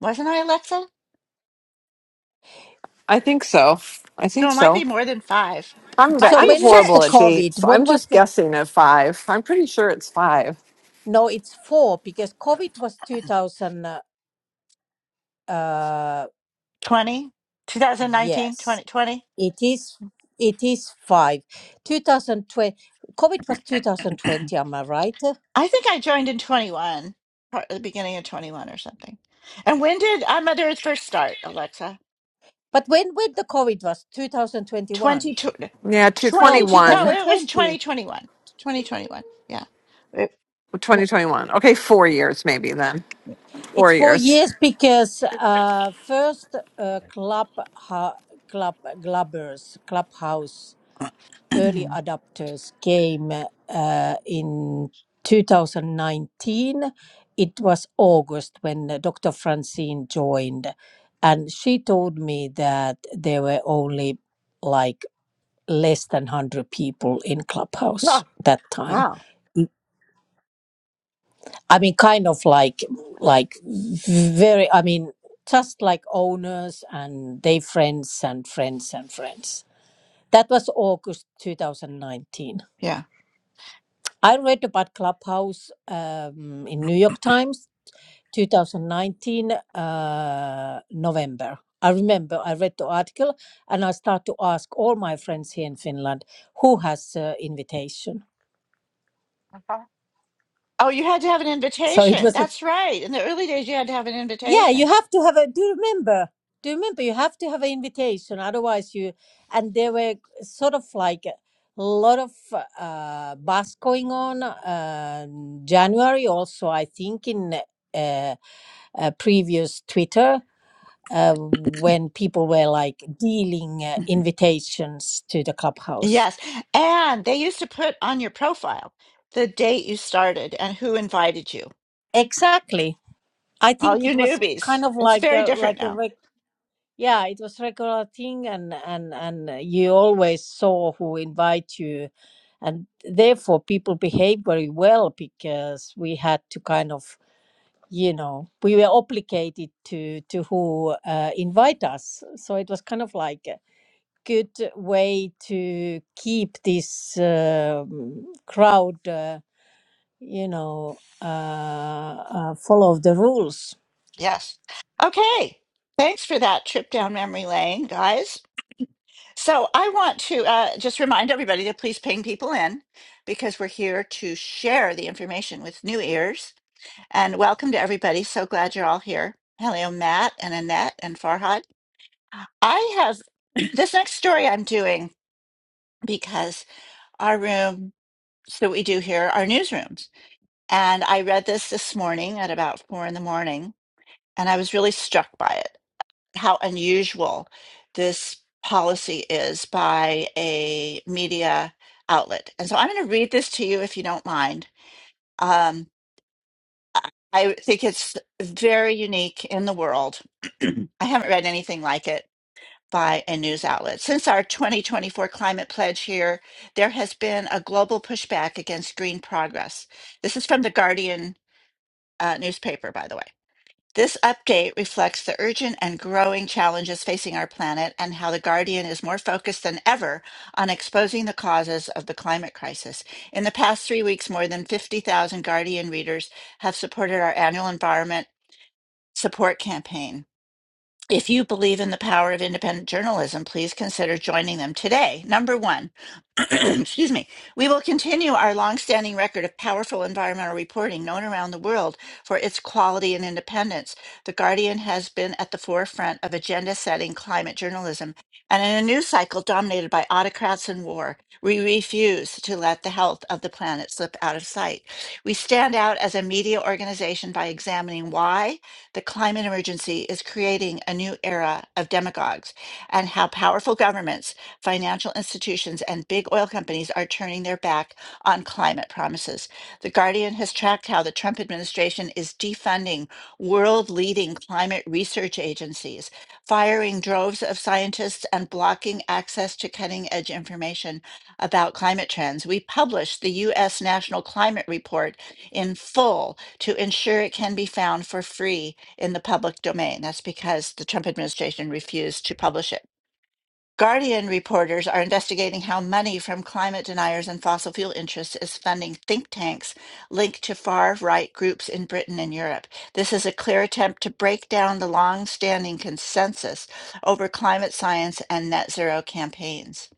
[SPEAKER 2] Wasn't I, Alexa?
[SPEAKER 1] I think so. I think
[SPEAKER 2] So it might be
[SPEAKER 1] so.
[SPEAKER 2] more than five.
[SPEAKER 1] I'm ve-
[SPEAKER 2] Might
[SPEAKER 6] So
[SPEAKER 2] be
[SPEAKER 1] I'm
[SPEAKER 6] when was
[SPEAKER 1] horrible
[SPEAKER 6] the
[SPEAKER 1] at
[SPEAKER 2] six.
[SPEAKER 1] dates.
[SPEAKER 6] COVID? When
[SPEAKER 1] I'm
[SPEAKER 6] was
[SPEAKER 1] just
[SPEAKER 6] the
[SPEAKER 1] guessing at five. I'm pretty sure it's five.
[SPEAKER 6] No, it's four because COVID was 2000. Uh, uh,
[SPEAKER 2] 20,
[SPEAKER 6] yes,
[SPEAKER 2] 2020.
[SPEAKER 6] it is. It is five. 2020. COVID was 2020. Am I right?
[SPEAKER 2] I think I joined in 21, part the beginning of 21 or something. And when did I Mother Earth first start, Alexa?
[SPEAKER 6] But when when the COVID was 2021?
[SPEAKER 2] 22.
[SPEAKER 1] Yeah, two
[SPEAKER 6] No,
[SPEAKER 2] 20 no
[SPEAKER 1] twenty-one,
[SPEAKER 2] it was
[SPEAKER 6] 2020.
[SPEAKER 2] 2021 2021 yeah It- yeah.
[SPEAKER 1] twenty one. 2021. Okay, four years maybe then.
[SPEAKER 6] It's
[SPEAKER 1] Four
[SPEAKER 6] four
[SPEAKER 1] years.
[SPEAKER 6] years because uh, first uh, club ha, club clubbers clubhouse early adopters came uh, in 2019. It was August when uh, Dr. Francine joined, and she told me that there were only like less than 100 people in Clubhouse
[SPEAKER 2] oh
[SPEAKER 6] that time.
[SPEAKER 2] wow
[SPEAKER 6] Mm. I mean, kind of like, like very, I mean, just like owners and they friends and friends and friends. That was August 2019.
[SPEAKER 2] yeah
[SPEAKER 6] I read about Clubhouse um, in New York Times, 2019 uh, November. I remember I read the article and I start to ask all my friends here in Finland who has uh, invitation.
[SPEAKER 2] oh you had to have an
[SPEAKER 6] So it
[SPEAKER 2] invitation
[SPEAKER 6] was a
[SPEAKER 2] that's right in the early days you had to have an
[SPEAKER 6] yeah. You
[SPEAKER 2] invitation
[SPEAKER 6] have to have a. Do you remember? Do you remember? You have to have an invitation, otherwise you. And there were sort of like a lot of uh, buzz going on uh, January also. I think in. Uh, uh, previous Twitter uh, when people were like dealing uh,
[SPEAKER 2] Mhm.
[SPEAKER 6] invitations to the clubhouse.
[SPEAKER 2] yes and they used to put on your profile the date you started and who invited you
[SPEAKER 6] Exactly. I
[SPEAKER 2] all
[SPEAKER 6] think
[SPEAKER 2] you
[SPEAKER 6] it was
[SPEAKER 2] newbies
[SPEAKER 6] kind of
[SPEAKER 2] it's
[SPEAKER 6] like
[SPEAKER 2] very
[SPEAKER 6] a,
[SPEAKER 2] different
[SPEAKER 6] like a
[SPEAKER 2] now
[SPEAKER 6] reg- yeah, it was regular thing, and and and uh, you always saw who invite you, and therefore people behaved very well because we had to kind of you know we were obligated to to who uh, invite us so it was kind of like uh, good way to keep this um crowd, uh, you know, uh, uh, follow the rules.
[SPEAKER 2] yes okay thanks for that trip down memory lane guys So I want to uh, just remind everybody to please ping people in because we're here to share the information with new ears. And welcome to everybody. So glad you're all here. Hello, Matt and Annette and Farhad. I have this next story I'm doing because our room, that we do here are newsrooms. And I read this this morning at about four in the morning and I was really struck by it. how unusual this policy is by a media outlet. And so I'm going to read this to you if you don't mind. Um, I I think it's very unique in the world. I haven't read anything like it by a news outlet. Since our 2024 climate pledge here, there has been a global pushback against green progress. This is from the Guardian uh, newspaper, by the way. This update reflects the urgent and growing challenges facing our planet and how the Guardian is more focused than ever on exposing the causes of the climate crisis. In the past three weeks, more than 50,000 Guardian readers have supported our annual environment support campaign. If you believe in the power of independent journalism, please consider joining them today. Number one, excuse me, we will continue our longstanding record of powerful environmental reporting known around the world for its quality and independence. The Guardian has been at the forefront of agenda setting climate journalism. And in a news cycle dominated by autocrats and war, we refuse to let the health of the planet slip out of sight. We stand out as a media organization by examining why the climate emergency is creating a new era of demagogues and how powerful governments, financial institutions, and big oil companies are turning their back on climate promises. The Guardian has tracked how the Trump administration is defunding world leading climate research agencies, firing droves of scientists, and blocking access to cutting edge information about climate trends. We published the U.S. National Climate Report in full to ensure it can be found for free in the public domain. That's because the Trump administration refused to publish it. Guardian reporters are investigating how money from climate deniers and fossil fuel interests is funding think tanks linked to far right groups in Britain and Europe. This is a clear attempt to break down the long standing consensus over climate science and net zero campaigns.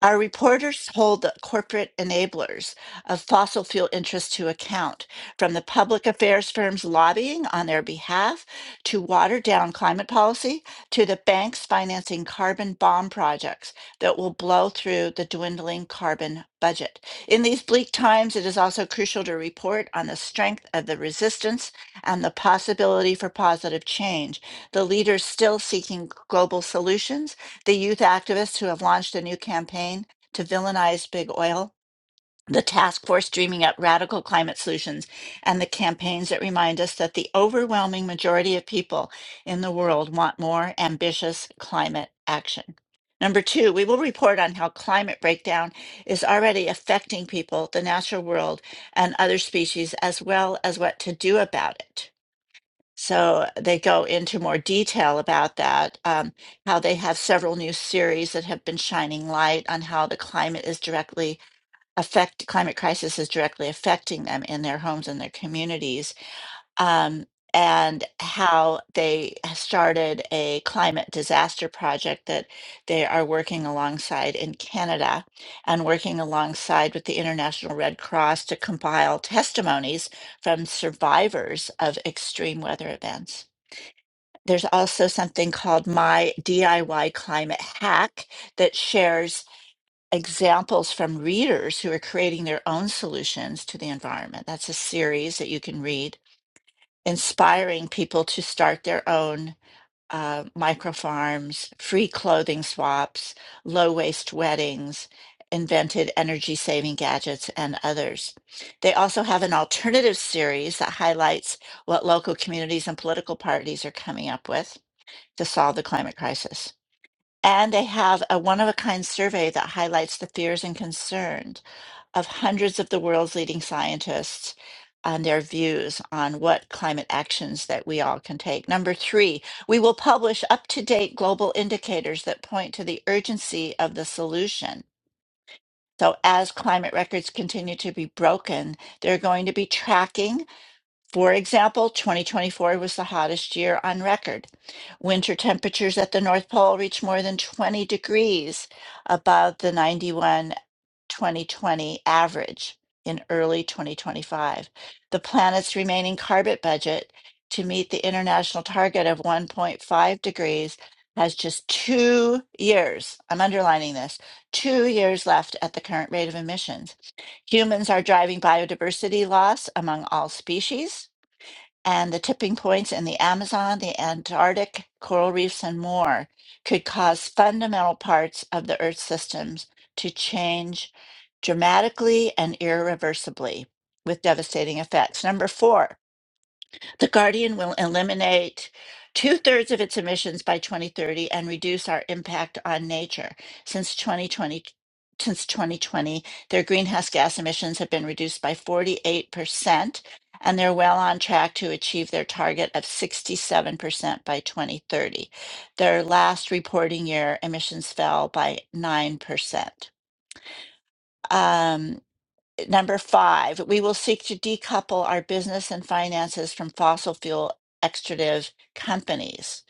[SPEAKER 2] Our reporters hold the corporate enablers of fossil fuel interests to account, from the public affairs firms lobbying on their behalf to watered down climate policy to the banks financing carbon bomb projects that will blow through the dwindling carbon budget. In these bleak times, it is also crucial to report on the strength of the resistance and the possibility for positive change, the leaders still seeking global solutions the youth activists who have launched a new campaign to villainize big oil, the task force dreaming up radical climate solutions, and the campaigns that remind us that the overwhelming majority of people in the world want more ambitious climate action. Number two, we will report on how climate breakdown is already affecting people, the natural world, and other species, as well as what to do about it. So they go into more detail about that, um, how they have several new series that have been shining light on how the climate is directly affect climate crisis is directly affecting them in their homes and their communities, um, and how they started a climate disaster project that they are working alongside in Canada and working alongside with the International Red Cross to compile testimonies from survivors of extreme weather events. There's also something called My DIY Climate Hack that shares examples from readers who are creating their own solutions to the environment. That's a series that you can read, inspiring people to start their own uh, micro farms, free clothing swaps, low waste weddings, invented energy saving gadgets, and others. They also have an alternative series that highlights what local communities and political parties are coming up with to solve the climate crisis. And they have a one of a kind survey that highlights the fears and concerns of hundreds of the world's leading scientists on their views on what climate actions that we all can take. Number three, we will publish up to date global indicators that point to the urgency of the solution. So, as climate records continue to be broken, they're going to be tracking for example, 2024 was the hottest year on record. Winter temperatures at the North Pole reached more than 20 degrees above the 91 2020 average in early 2025. The planet's remaining carbon budget to meet the international target of 1.5 degrees has just two years. I'm underlining this two years left at the current rate of emissions. Humans are driving biodiversity loss among all species and the tipping points in the Amazon, the Antarctic, coral reefs, and more could cause fundamental parts of the Earth's systems to change dramatically and irreversibly with devastating effects. Number four, the Guardian will eliminate two thirds of its emissions by 2030 and reduce our impact on nature. Since 2020, since 2020, their greenhouse gas emissions have been reduced by 48%, and they're well on track to achieve their target of 67% by 2030. Their last reporting year, emissions fell by 9%. Number five, we will seek to decouple our business and finances from fossil fuel extractive companies.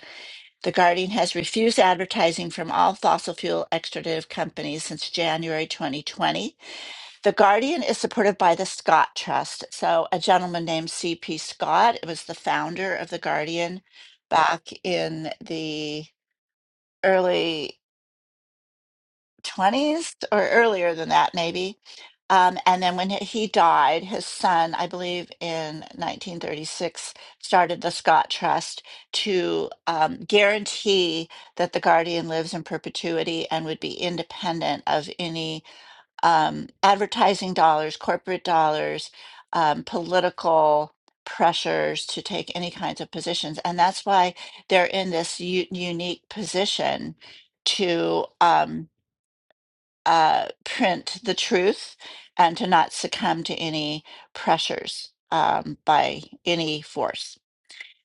[SPEAKER 2] The Guardian has refused advertising from all fossil fuel extractive companies since January 2020. The Guardian is supported by the Scott Trust. So, a gentleman named C.P. Scott was the founder of The Guardian back in the early 20s or earlier than that, maybe. Um, and then when he died, his son, I believe in 1936, started the Scott Trust to um, guarantee that the guardian lives in perpetuity and would be independent of any um, advertising dollars, corporate dollars, um, political pressures to take any kinds of positions. And that's why they're in this u- unique position to. Um, uh, print the truth and to not succumb to any pressures um, by any force.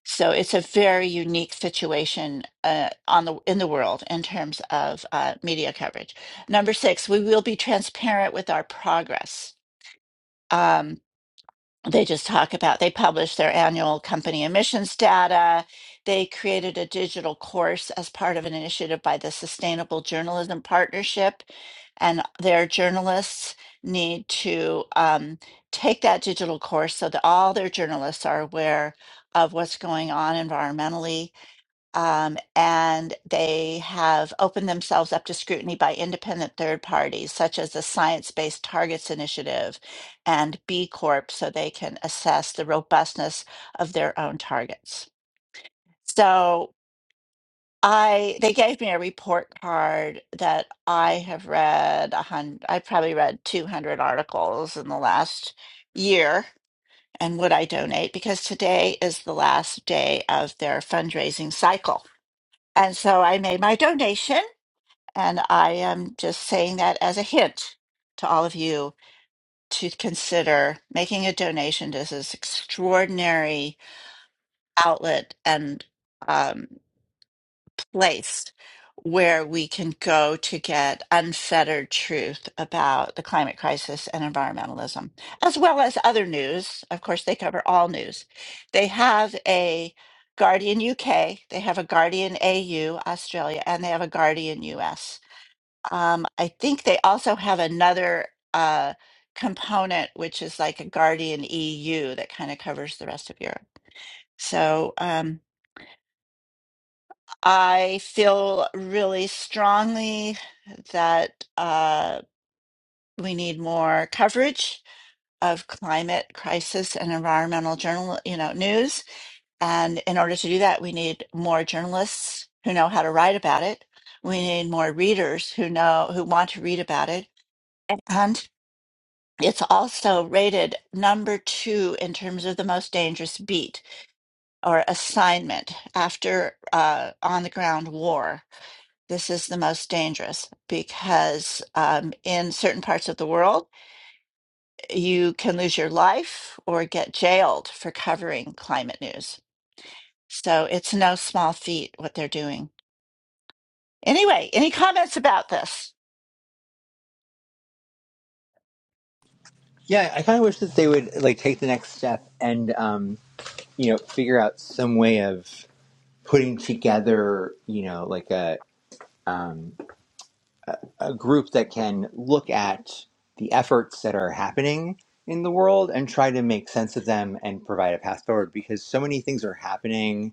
[SPEAKER 2] So it's a very unique situation uh, on the in the world in terms of uh, media coverage. Number six, we will be transparent with our progress. Um, they just talk about they publish their annual company emissions data they created a digital course as part of an initiative by the sustainable journalism partnership and their journalists need to um, take that digital course so that all their journalists are aware of what's going on environmentally um, and they have opened themselves up to scrutiny by independent third parties, such as the Science Based Targets Initiative and B Corp, so they can assess the robustness of their own targets. So I they gave me a report card that I have read a hundred. I probably read two hundred articles in the last year. And would I donate? Because today is the last day of their fundraising cycle. And so I made my donation, and I am just saying that as a hint to all of you to consider making a donation to this extraordinary outlet and um, place where we can go to get unfettered truth about the climate crisis and environmentalism, as well as other news. Of course, they cover all news. They have a Guardian UK, they have a Guardian AU, Australia, and they have a Guardian US. Um, I think they also have another uh, component, which is like a Guardian EU that kind of covers the rest of Europe. So, um, I feel really strongly that uh, we need more coverage of climate crisis and environmental journal, you know, news. And in order to do that, we need more journalists who know how to write about it. We need more readers who know who want to read about it. And it's also rated number two in terms of the most dangerous beat or assignment after uh, on the ground war. This is the most dangerous because um, in certain parts of the world, you can lose your life or get jailed for covering climate news. So it's no small feat what they're doing. Anyway, any comments about this?
[SPEAKER 4] Yeah, I kind of wish that they would like take the next step and um, you know figure out some way of putting together you know like a um, a group that can look at the efforts that are happening in the world and try to make sense of them and provide a path forward because so many things are happening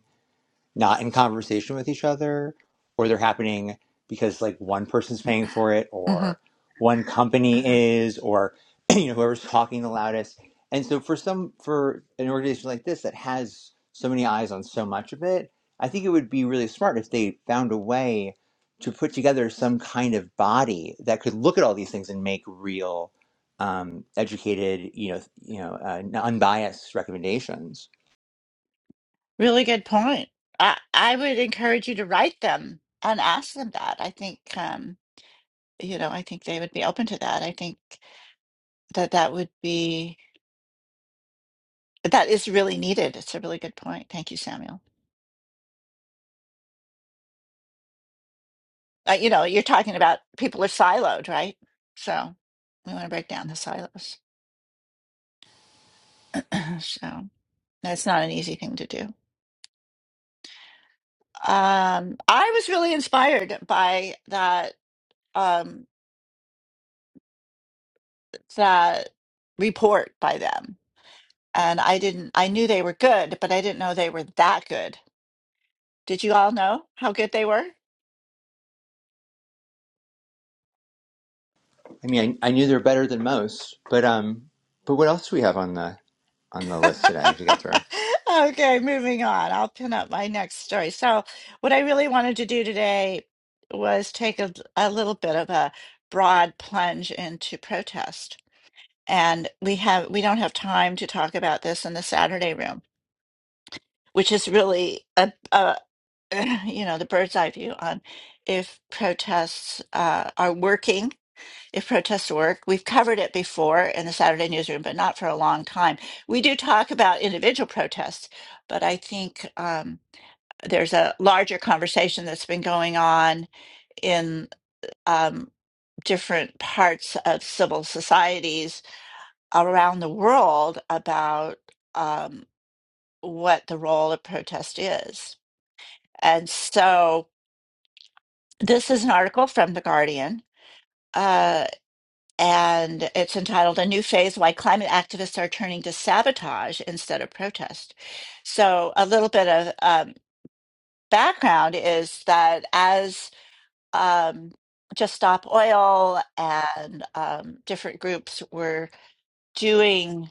[SPEAKER 4] not in conversation with each other or they're happening because like one person's paying for it
[SPEAKER 2] hmm
[SPEAKER 4] or one company is or you know whoever's talking the loudest and so for some for an organization like this that has so many eyes on so much of it i think it would be really smart if they found a way to put together some kind of body that could look at all these things and make real um, educated you know you know uh, unbiased recommendations
[SPEAKER 2] Really good point. I, I would encourage you to write them and ask them that. I think, um, you know, I think they would be open to that. I think that that would be, that is really needed. It's a really good point. Thank you, Samuel. uh, you know, you're talking about people are siloed, right? So we want to break down the silos. so that's not an easy thing to do. Um, I was really inspired by that um, that report by them, and I didn't. I knew they were good, but I didn't know they were that good. Did you all know how good they were?
[SPEAKER 4] I mean, I, I knew they're better than most, but um, but what else do we have on the on the list today to get through?
[SPEAKER 2] Okay, moving on. I'll pin up my next story. So, what I really wanted to do today was take a, a little bit of a broad plunge into protest. And we have we don't have time to talk about this in the Saturday room, which is really a, a you know, the bird's eye view on if protests uh, are working if protests work. We've covered it before in the Saturday newsroom, but not for a long time. We do talk about individual protests, but I think um, there's a larger conversation that's been going on in um, different parts of civil societies around the world about um, what the role of protest is. And so this is an article from The Guardian. Uh, and it's entitled A New Phase Why Climate Activists Are Turning to Sabotage Instead of Protest. So, a little bit of um, background is that as um, Just Stop Oil and um, different groups were doing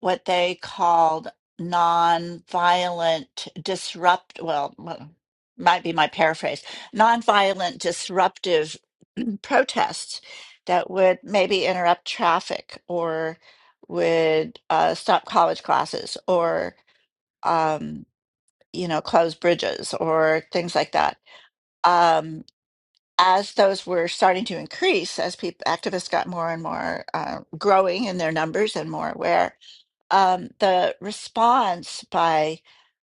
[SPEAKER 2] what they called nonviolent disrupt well m- might be my paraphrase nonviolent disruptive protests that would maybe interrupt traffic or would uh, stop college classes or um, you know close bridges or things like that um, as those were starting to increase as people activists got more and more uh, growing in their numbers and more aware um, the response by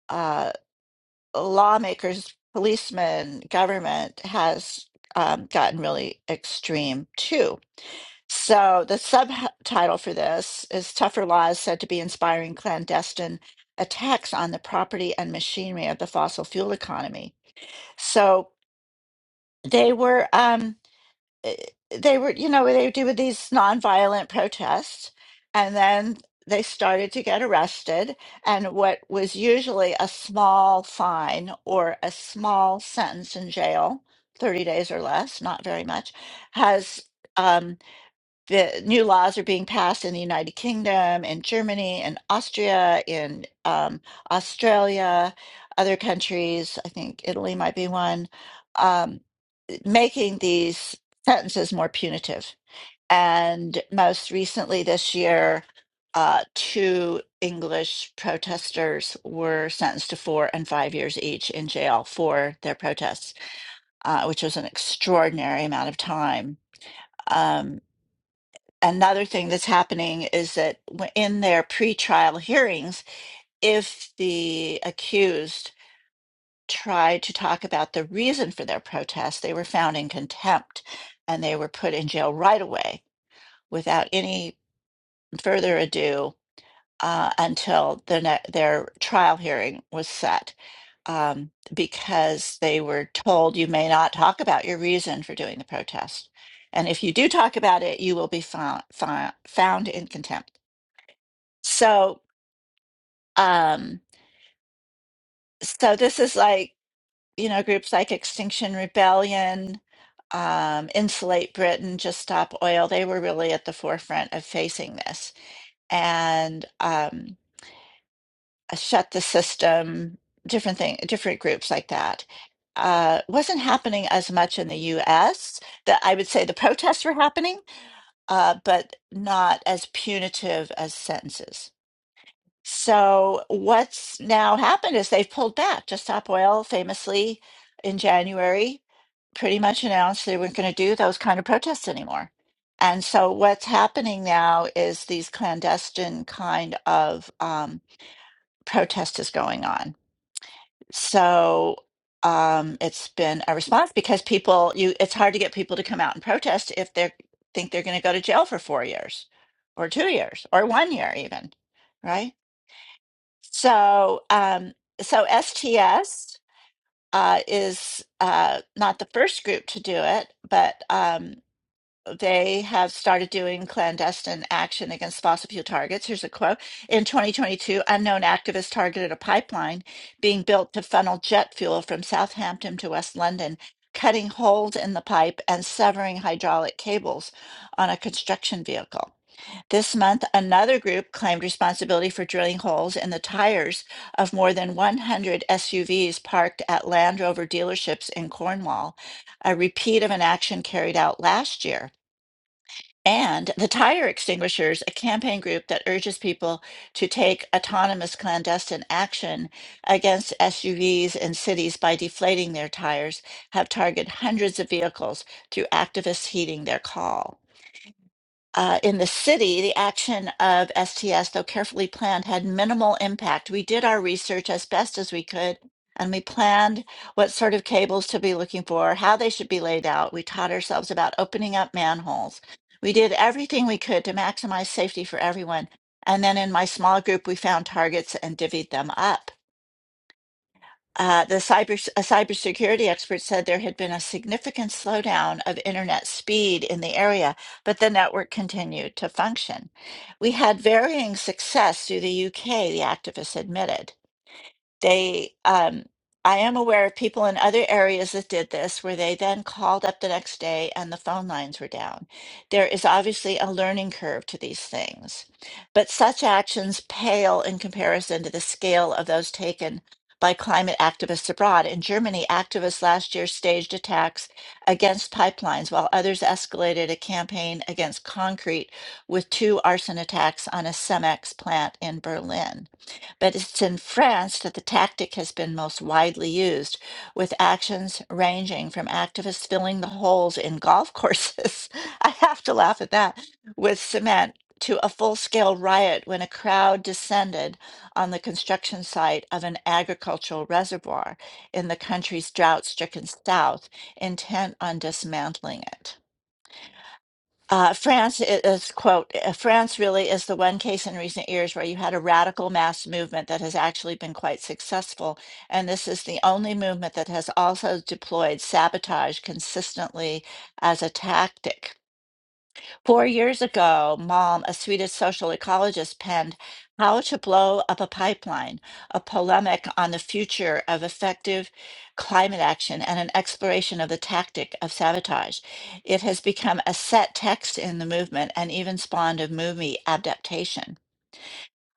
[SPEAKER 2] uh, lawmakers, policemen, government has um, gotten really extreme too. So the subtitle for this is Tougher Laws Said to Be Inspiring Clandestine Attacks on the Property and Machinery of the Fossil Fuel Economy. So they were. Um, eh, they were, you know, they were doing these nonviolent protests, and then they started to get arrested. And what was usually a small fine or a small sentence in jail, 30 days or less, not very much, has um, the new laws are being passed in the United Kingdom, in Germany, in Austria, in um, Australia, other countries. I think Italy might be one. Um, making these sentences more punitive. And most recently this year, uh, two English protesters were sentenced to four and five years each in jail for their protests, uh, which was an extraordinary amount of time. Um, another thing that's happening is that w- in their pretrial hearings, if the accused tried to talk about the reason for their protest, they were found in contempt and they were put in jail right away without any further ado uh, until the ne- their trial hearing was set um, because they were told you may not talk about your reason for doing the protest. And if you do talk about it, you will be found, found in contempt. So, um, so this is like you know, groups like Extinction Rebellion, um, Insulate Britain, Just Stop Oil, they were really at the forefront of facing this. And um, uh, Shut the System, different thing, different groups like that. Uh, wasn't happening as much in the U.S. That I would say the protests were happening, uh, but not as punitive as sentences. So what's now happened is they've pulled back. Just Stop Oil famously in January pretty much announced they weren't going to do those kind of protests anymore. And so what's happening now is these clandestine kind of um, protest is going on. So um, it's been a response because people you it's hard to get people to come out and protest if they think they're going to go to jail for four years or two years or one year even, right? So, um, so STS uh, is uh, not the first group to do it, but um, they have started doing clandestine action against fossil fuel targets. Here's a quote. In 2022, unknown activists targeted a pipeline being built to funnel jet fuel from Southampton to West London, cutting holes in the pipe and severing hydraulic cables on a construction vehicle. This month, another group claimed responsibility for drilling holes in the tires of more than 100 SUVs parked at Land Rover dealerships in Cornwall, a repeat of an action carried out last year. And the Tire Extinguishers, a campaign group that urges people to take autonomous clandestine action against SUVs in cities by deflating their tires, have targeted hundreds of vehicles through activists heeding their call uh, in the city, the action of STS, though carefully planned, had minimal impact. We did our research as best as we could, and we planned what sort of cables to be looking for, how they should be laid out. We taught ourselves about opening up manholes. We did everything we could to maximize safety for everyone. And then in my small group, we found targets and divvied them up. Uh, the cyber a cybersecurity expert said there had been a significant slowdown of internet speed in the area, but the network continued to function. We had varying success through the UK, the activist admitted they um I am aware of people in other areas that did this where they then called up the next day and the phone lines were down. There is obviously a learning curve to these things, but such actions pale in comparison to the scale of those taken by climate activists abroad. In Germany, activists last year staged attacks against pipelines while others escalated a campaign against concrete with two arson attacks on a Cemex plant in Berlin but it's in France that the tactic has been most widely used, with actions ranging from activists filling the holes in golf courses. I have to laugh at that with cement. To a full scale riot when a crowd descended on the construction site of an agricultural reservoir in the country's drought stricken south, intent on dismantling it. Uh, France is, quote, "Uh, France really is the one case in recent years where you had a radical mass movement that has actually been quite successful. And this is the only movement that has also deployed sabotage consistently as a tactic. Four years ago, Malm, a Swedish social ecologist, penned How to Blow Up a Pipeline, a polemic on the future of effective climate action and an exploration of the tactic of sabotage. It has become a set text in the movement and even spawned a movie adaptation.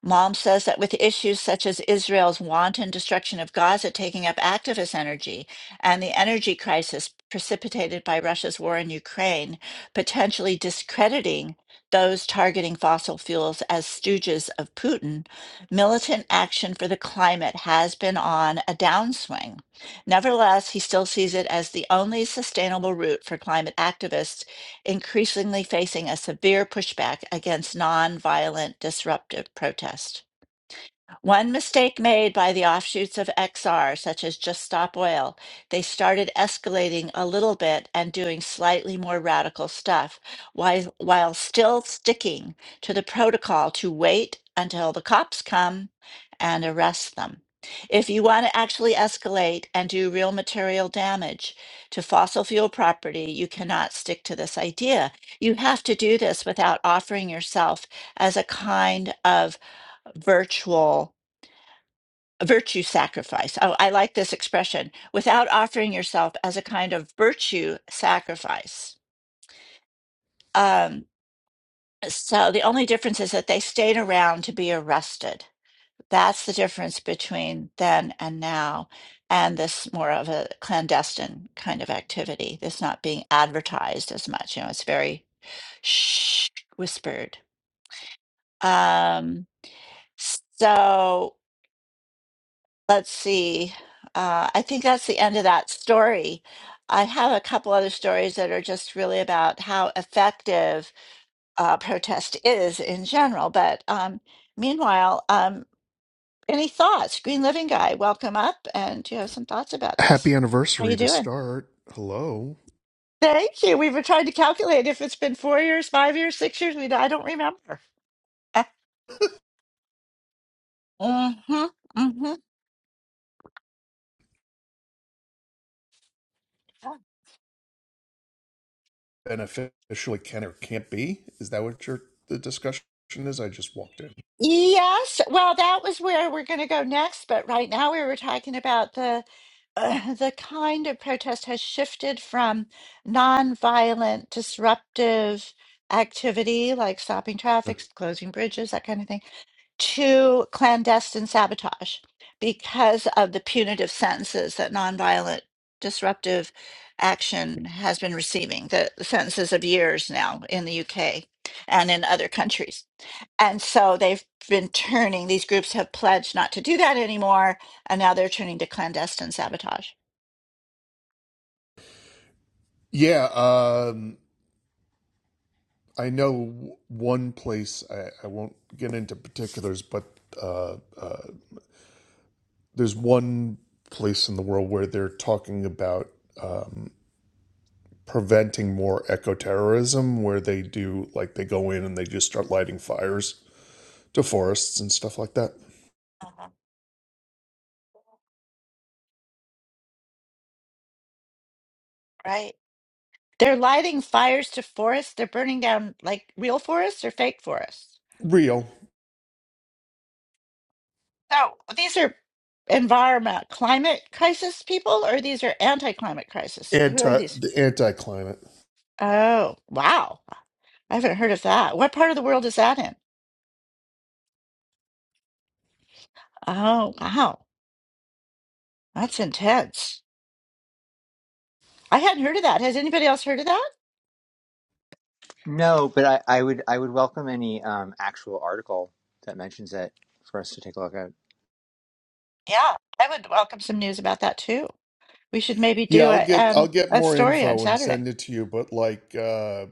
[SPEAKER 2] Mom says that with issues such as Israel's wanton destruction of Gaza taking up activist energy and the energy crisis precipitated by Russia's war in Ukraine, potentially discrediting those targeting fossil fuels as stooges of Putin, militant action for the climate has been on a downswing. Nevertheless, he still sees it as the only sustainable route for climate activists increasingly facing a severe pushback against nonviolent disruptive protest. One mistake made by the offshoots of XR, such as Just Stop Oil, they started escalating a little bit and doing slightly more radical stuff while, while still sticking to the protocol to wait until the cops come and arrest them. If you want to actually escalate and do real material damage to fossil fuel property, you cannot stick to this idea. You have to do this without offering yourself as a kind of virtual virtue sacrifice. Oh, I like this expression without offering yourself as a kind of virtue sacrifice. Um, so the only difference is that they stayed around to be arrested. That's the difference between then and now, and this more of a clandestine kind of activity. This not being advertised as much. You know, it's very shh, whispered. Um, so let's see. Uh, I think that's the end of that story. I have a couple other stories that are just really about how effective uh, protest is in general. But um, meanwhile, um, any thoughts? Green Living Guy, welcome up. And do you have some thoughts about
[SPEAKER 7] Happy
[SPEAKER 2] this? How you
[SPEAKER 7] anniversary to
[SPEAKER 2] doing?
[SPEAKER 7] start. Hello.
[SPEAKER 2] Thank you. We were trying to calculate if it's been four years, five years, six years. We I don't remember. Uh, mhm, mhm.
[SPEAKER 7] And officially can or can't be? Is that what your the discussion is? I just walked in.
[SPEAKER 2] Yes. Well, that was where we're going to go next. But right now, we were talking about the uh, the kind of protest has shifted from nonviolent, disruptive activity like stopping
[SPEAKER 7] Huh.
[SPEAKER 2] traffic, closing bridges, that kind of thing, to clandestine sabotage because of the punitive sentences that nonviolent disruptive action has been receiving, the, the sentences of years now in the UK and in other countries. And so they've been turning, these groups have pledged not to do that anymore. And now they're turning to clandestine sabotage.
[SPEAKER 7] Yeah, um I know one place I, I won't get into particulars, but uh, uh there's one place in the world where they're talking about um preventing more eco terrorism where they do like they go in and they just start lighting fires to forests and stuff like that.
[SPEAKER 2] Uh-huh. Right. They're lighting fires to forests. They're burning down like real forests or fake forests.
[SPEAKER 7] Real.
[SPEAKER 2] So These are environment, climate crisis people, or these are anti climate crisis? Who are
[SPEAKER 7] anti
[SPEAKER 2] these?
[SPEAKER 7] the anti climate.
[SPEAKER 2] Oh, wow. I haven't heard of that. What part of the world is that in? Oh, wow. That's intense. I hadn't heard of that. Has anybody else heard of that?
[SPEAKER 4] No, but I, I would I would welcome any um, actual article that mentions it for us to take a look at.
[SPEAKER 2] Yeah, I would welcome some news about that too. We should maybe
[SPEAKER 7] Yeah,
[SPEAKER 2] do
[SPEAKER 7] I'll
[SPEAKER 2] a
[SPEAKER 7] get I'll
[SPEAKER 2] um
[SPEAKER 7] get
[SPEAKER 2] a
[SPEAKER 7] more
[SPEAKER 2] story on
[SPEAKER 7] info and
[SPEAKER 2] Saturday.
[SPEAKER 7] send it to you. But like uh,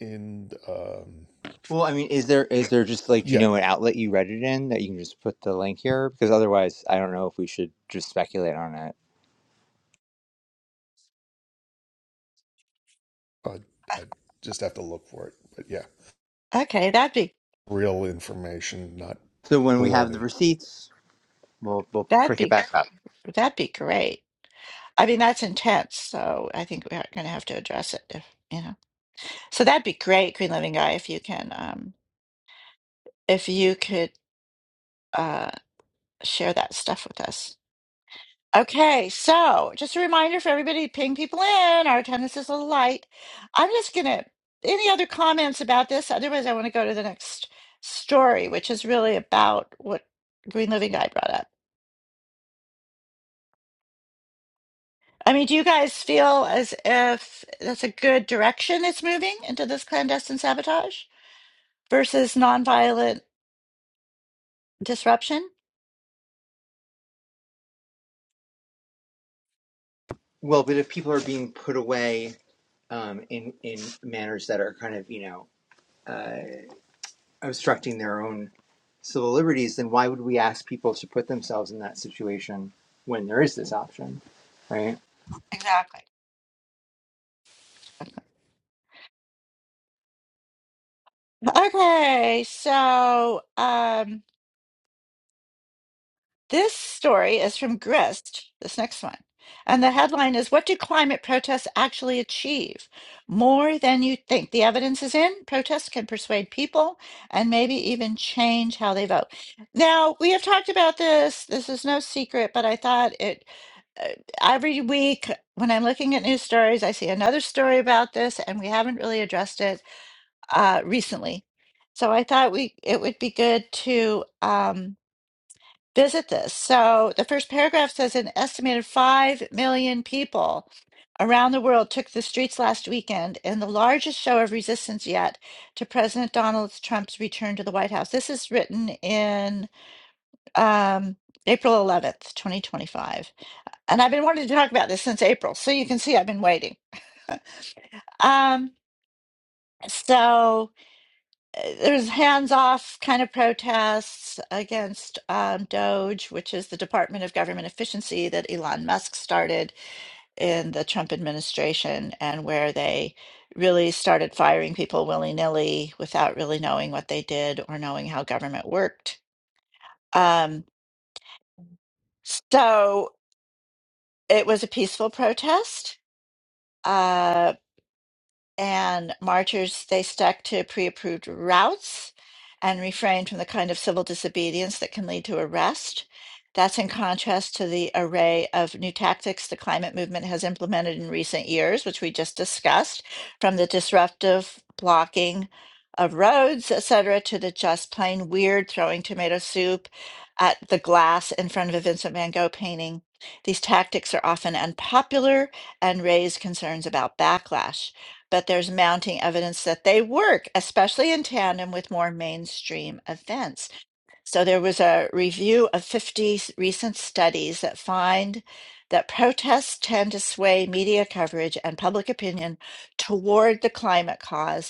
[SPEAKER 7] in um,
[SPEAKER 4] Well, I mean, is there is there just like do you
[SPEAKER 7] yeah,
[SPEAKER 4] know an outlet you read it in that you can just put the link here? Because otherwise, I don't know if we should just speculate on it.
[SPEAKER 7] I, I just have to look for it. But yeah,
[SPEAKER 2] Okay, that'd be
[SPEAKER 7] real information, not
[SPEAKER 4] So when we have the
[SPEAKER 7] baloney.
[SPEAKER 4] receipts, we'll we'll
[SPEAKER 2] that'd
[SPEAKER 4] prick it
[SPEAKER 2] be
[SPEAKER 4] back
[SPEAKER 2] gr-
[SPEAKER 4] up.
[SPEAKER 2] that'd be great. I mean, that's intense, so I think we're going to have to address it if, you know. So that'd be great, Green Living Guy, if you can um if you could uh share that stuff with us. Okay, so just a reminder for everybody ping people in. Our attendance is a little light. I'm just gonna, any other comments about this? Otherwise, I want to go to the next story, which is really about what Green Living Guy brought up. I mean, do you guys feel as if that's a good direction it's moving into this clandestine sabotage versus nonviolent disruption?
[SPEAKER 4] Well, but if people are being put away um, in in manners that are kind of you know. uh, obstructing their own civil liberties, then why would we ask people to put themselves in that situation when there is this option, right?
[SPEAKER 2] Exactly. Okay, so um This story is from Grist, this next one. And the headline is What do climate protests actually achieve? More than you think. The evidence is in. Protests can persuade people and maybe even change how they vote. Now, we have talked about this. This is no secret, but I thought it uh, every week when I'm looking at news stories, I see another story about this, and we haven't really addressed it uh, recently. So I thought we it would be good to. Um, visit this. So the first paragraph says an estimated 5 million people around the world took the streets last weekend in the largest show of resistance yet to President Donald Trump's return to the White House. This is written in um, April 11th, 2025. And I've been wanting to talk about this since April. So you can see I've been waiting. Um, so. there's hands-off kind of protests against um, Doge, which is the Department of Government Efficiency that Elon Musk started in the Trump administration, and where they really started firing people willy-nilly without really knowing what they did or knowing how government worked. Um, so it was a peaceful protest. Uh, and marchers they stuck to pre-approved routes and refrained from the kind of civil disobedience that can lead to arrest that's in contrast to the array of new tactics the climate movement has implemented in recent years which we just discussed from the disruptive blocking of roads etc to the just plain weird throwing tomato soup at the glass in front of a vincent van gogh painting these tactics are often unpopular and raise concerns about backlash but there's mounting evidence that they work, especially in tandem with more mainstream events. So there was a review of 50 recent studies that find that protests tend to sway media coverage and public opinion toward the climate cause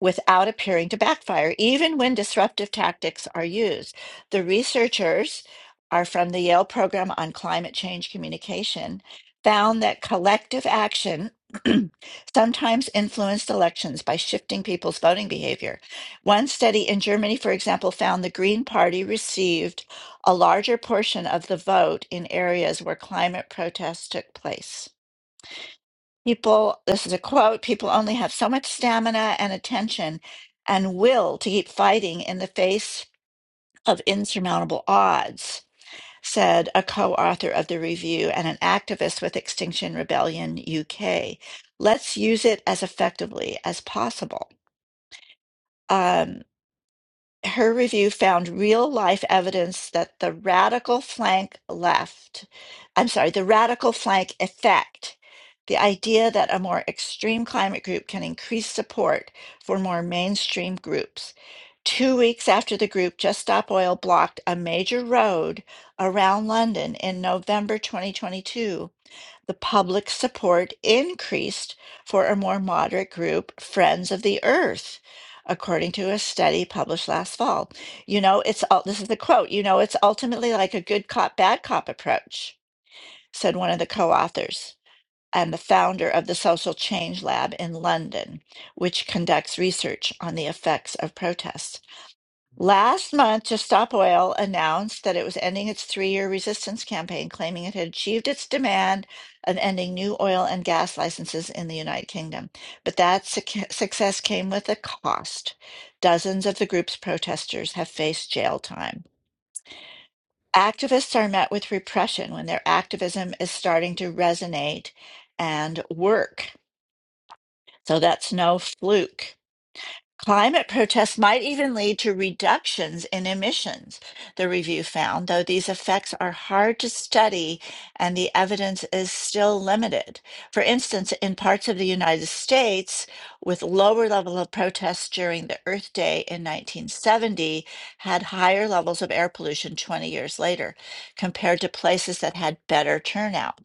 [SPEAKER 2] without appearing to backfire, even when disruptive tactics are used. The researchers are from the Yale Program on Climate Change Communication, found that collective action sometimes influenced elections by shifting people's voting behavior. One study in Germany, for example, found the Green Party received a larger portion of the vote in areas where climate protests took place. People, this is a quote, people only have so much stamina and attention and will to keep fighting in the face of insurmountable odds, said a co author of the review and an activist with Extinction Rebellion UK. Let's use it as effectively as possible. Um, her review found real life evidence that the radical flank left, I'm sorry, the radical flank effect, the idea that a more extreme climate group can increase support for more mainstream groups. Two weeks after the group Just Stop Oil blocked a major road around London in November 2022, the public support increased for a more moderate group, Friends of the Earth, according to a study published last fall. You know, it's all this is the quote, you know, it's ultimately like a good cop, bad cop approach, said one of the co authors and the founder of the Social Change Lab in London, which conducts research on the effects of protests. Last month, Just Stop Oil announced that it was ending its three year resistance campaign, claiming it had achieved its demand of ending new oil and gas licenses in the United Kingdom. But that suc- success came with a cost. Dozens of the group's protesters have faced jail time. Activists are met with repression when their activism is starting to resonate and work. So that's no fluke. Climate protests might even lead to reductions in emissions, the review found, though these effects are hard to study and the evidence is still limited. For instance, in parts of the United States with lower level of protests during the Earth Day in 1970 had higher levels of air pollution 20 years later compared to places that had better turnout.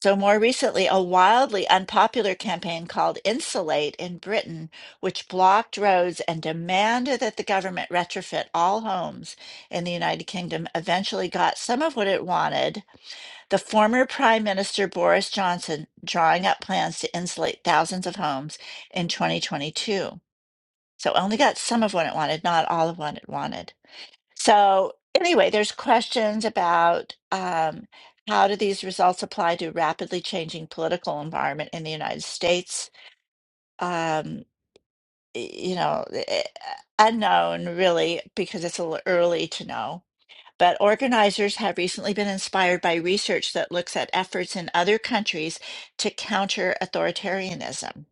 [SPEAKER 2] So, more recently, a wildly unpopular campaign called Insulate in Britain, which blocked roads and demanded that the government retrofit all homes in the United Kingdom, eventually got some of what it wanted. The former Prime Minister Boris Johnson drawing up plans to insulate thousands of homes in 2022. So, it only got some of what it wanted, not all of what it wanted. So anyway, there's questions about um, how do these results apply to rapidly changing political environment in the United States? Um, y- you know, eh, unknown really because it's a little early to know. But organizers have recently been inspired by research that looks at efforts in other countries to counter authoritarianism.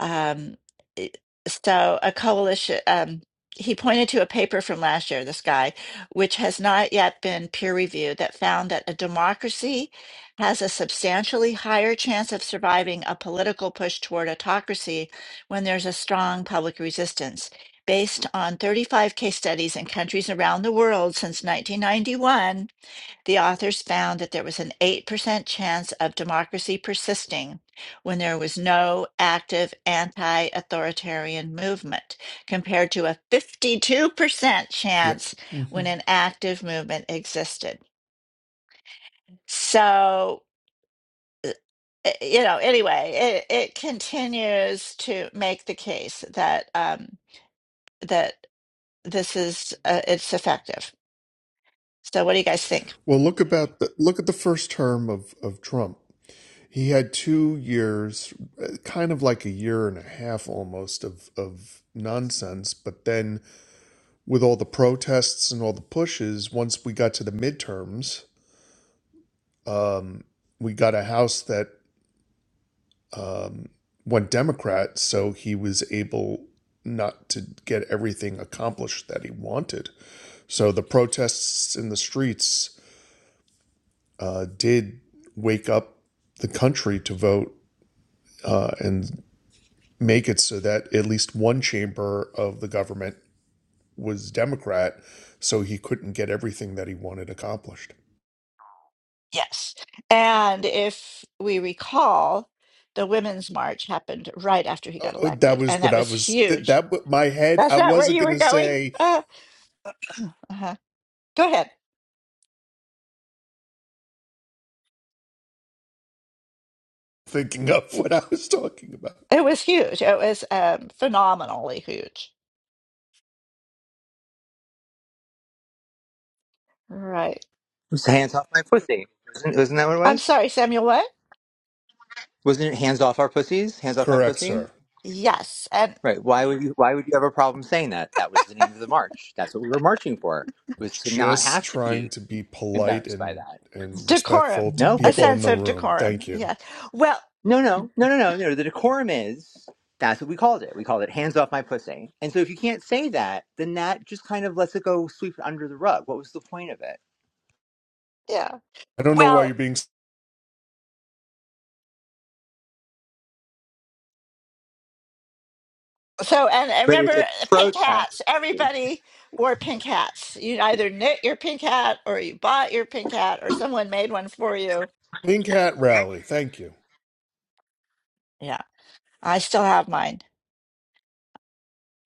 [SPEAKER 2] Um, it- so a coalition, um, he pointed to a paper from last year, this guy, which has not yet been peer reviewed, that found that a democracy has a substantially higher chance of surviving a political push toward autocracy when there's a strong public resistance. Based on 35 case studies in countries around the world since 1991, the authors found that there was an 8% chance of democracy persisting when there was no active anti authoritarian movement, compared to a 52%
[SPEAKER 7] Yep.
[SPEAKER 2] chance
[SPEAKER 7] hmm
[SPEAKER 2] when an active movement existed. So, uh, uh, you know, anyway, it, it continues to make the case that um, that this is uh, it's effective. So, what do you guys think?
[SPEAKER 7] Well, look about the look at the first term of of Trump. He had two years, uh, kind of like a year and a half almost of of nonsense. But then, with all the protests and all the pushes, once we got to the midterms. we got a house that went Democrat, so he was able not to get everything accomplished that he wanted. So the protests in the streets uh, did wake up the country to vote uh, and make it so that at least one chamber of the government was Democrat, so he couldn't get everything that he wanted accomplished.
[SPEAKER 2] Yes. And if we recall, the Women's March happened right after he
[SPEAKER 7] Oh,
[SPEAKER 2] got
[SPEAKER 7] oh, that
[SPEAKER 2] elected,
[SPEAKER 7] was
[SPEAKER 2] and
[SPEAKER 7] what
[SPEAKER 2] that
[SPEAKER 7] I
[SPEAKER 2] was
[SPEAKER 7] was. That,
[SPEAKER 2] huge.
[SPEAKER 7] that my head.
[SPEAKER 2] That's
[SPEAKER 7] I
[SPEAKER 2] not where
[SPEAKER 7] wasn't
[SPEAKER 2] you were
[SPEAKER 7] gonna
[SPEAKER 2] going?
[SPEAKER 7] say
[SPEAKER 2] Uh, uh Go ahead.
[SPEAKER 7] thinking of what I was talking about.
[SPEAKER 2] It was huge. It was um, phenomenally huge. Right.
[SPEAKER 4] It's hands off my pussy. Isn't, isn't that what it
[SPEAKER 2] I'm
[SPEAKER 4] was?
[SPEAKER 2] sorry, Samuel, what?
[SPEAKER 4] Wasn't it hands off our pussies? Hands off my
[SPEAKER 7] Correct,
[SPEAKER 4] pussy?
[SPEAKER 7] sir.
[SPEAKER 2] Yes. And
[SPEAKER 4] Right. Why would you? Why would you have a problem saying that? That was the name of the march. That's what we were marching for. Was to not
[SPEAKER 7] Just
[SPEAKER 4] have to
[SPEAKER 7] trying
[SPEAKER 4] be
[SPEAKER 7] to be polite
[SPEAKER 4] embarrassed by
[SPEAKER 7] and
[SPEAKER 4] that.
[SPEAKER 7] and
[SPEAKER 4] It's,
[SPEAKER 2] decorum,
[SPEAKER 7] respectful to
[SPEAKER 4] no,
[SPEAKER 2] a
[SPEAKER 4] but they,
[SPEAKER 7] people in
[SPEAKER 2] sense
[SPEAKER 7] the
[SPEAKER 2] of
[SPEAKER 7] room.
[SPEAKER 2] decorum.
[SPEAKER 7] Thank you.
[SPEAKER 2] Yes. Well,
[SPEAKER 4] No, no, no, no, no, no. The decorum is that's what we called it. We called it hands off my pussy. And so if you can't say that, then that just kind of lets it go sweep it under the rug. What was the point of it?
[SPEAKER 2] yeah.
[SPEAKER 7] I don't know why
[SPEAKER 2] Well,
[SPEAKER 7] you're being
[SPEAKER 2] So, and, and
[SPEAKER 4] But
[SPEAKER 2] remember
[SPEAKER 4] it's a
[SPEAKER 2] uh, pink hats.
[SPEAKER 4] protest.
[SPEAKER 2] Everybody wore pink hats. You either knit your pink hat or you bought your pink hat or someone made one for you.
[SPEAKER 7] think hat rally. Thank you.
[SPEAKER 2] Yeah, I still have mine.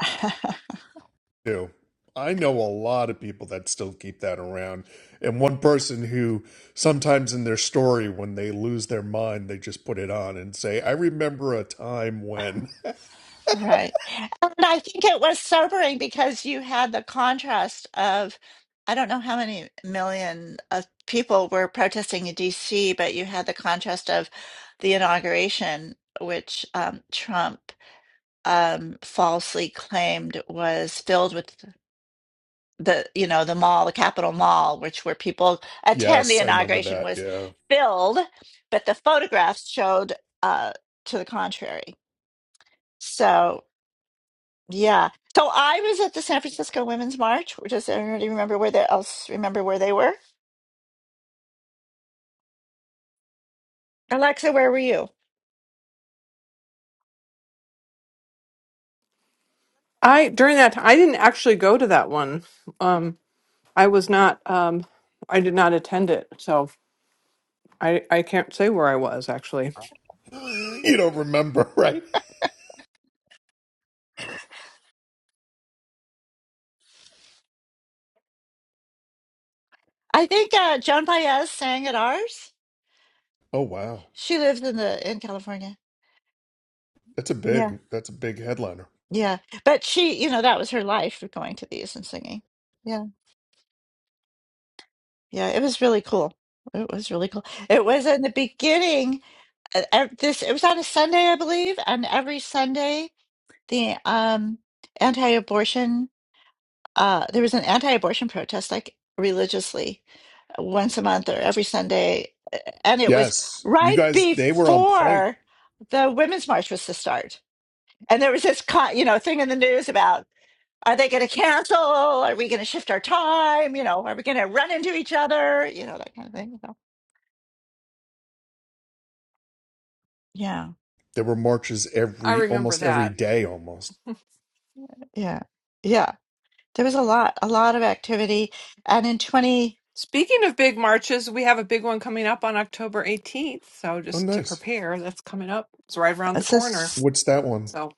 [SPEAKER 7] Do I know a lot of people that still keep that around, and one person who sometimes in their story when they lose their mind they just put it on and say, "I remember a time when."
[SPEAKER 2] Right. And I think it was sobering because you had the contrast of, I don't know how many million of people were protesting in DC, but you had the contrast of the inauguration, which um, Trump um, falsely claimed was filled with the you know the mall the capitol mall which where people attend the
[SPEAKER 7] Yes, I remember
[SPEAKER 2] inauguration
[SPEAKER 7] that.
[SPEAKER 2] was
[SPEAKER 7] Yeah,
[SPEAKER 2] filled but the photographs showed uh to the contrary so yeah so i was at the san francisco women's march does anybody remember where they else remember where they were alexa where were you
[SPEAKER 1] I during that time, I didn't actually go to that one. Um, I was not. Um, I did not attend it. So. I, I can't say where I was actually.
[SPEAKER 7] you don't remember, right?
[SPEAKER 2] i think uh joan baez sang at ours
[SPEAKER 7] Oh wow,
[SPEAKER 2] she lives in the in california
[SPEAKER 7] that's a
[SPEAKER 2] yeah
[SPEAKER 7] big that's a big headliner.
[SPEAKER 2] yeah but she you know that was her life going to these and singing Yeah. Yeah, it was really cool. It was really cool. It was in the beginning. uh, ev- This it was on a Sunday, I believe, and every Sunday the um anti-abortion uh there was an anti-abortion protest like religiously uh, once a month or every Sunday, uh, and it was
[SPEAKER 7] Yes, you
[SPEAKER 2] right
[SPEAKER 7] guys, they were on point.
[SPEAKER 2] before the women's march was to start. And there was this con you know thing in the news about are they going to cancel? Are we going to shift our time? You know, are we going to run into each other? You know, that kind of thing. Yeah,
[SPEAKER 7] There were marches
[SPEAKER 1] I
[SPEAKER 7] every
[SPEAKER 1] remember
[SPEAKER 7] almost every
[SPEAKER 1] that.
[SPEAKER 7] day almost.
[SPEAKER 2] yeah, yeah. There was a lot, a lot of activity, and in twenty,
[SPEAKER 1] Speaking of big marches, we have a big one coming up on October 18th. So
[SPEAKER 7] Oh
[SPEAKER 1] just to
[SPEAKER 7] nice.
[SPEAKER 1] prepare, that's coming up. It's right around the
[SPEAKER 2] it's
[SPEAKER 1] corner.
[SPEAKER 2] just,
[SPEAKER 7] What's that one?
[SPEAKER 1] So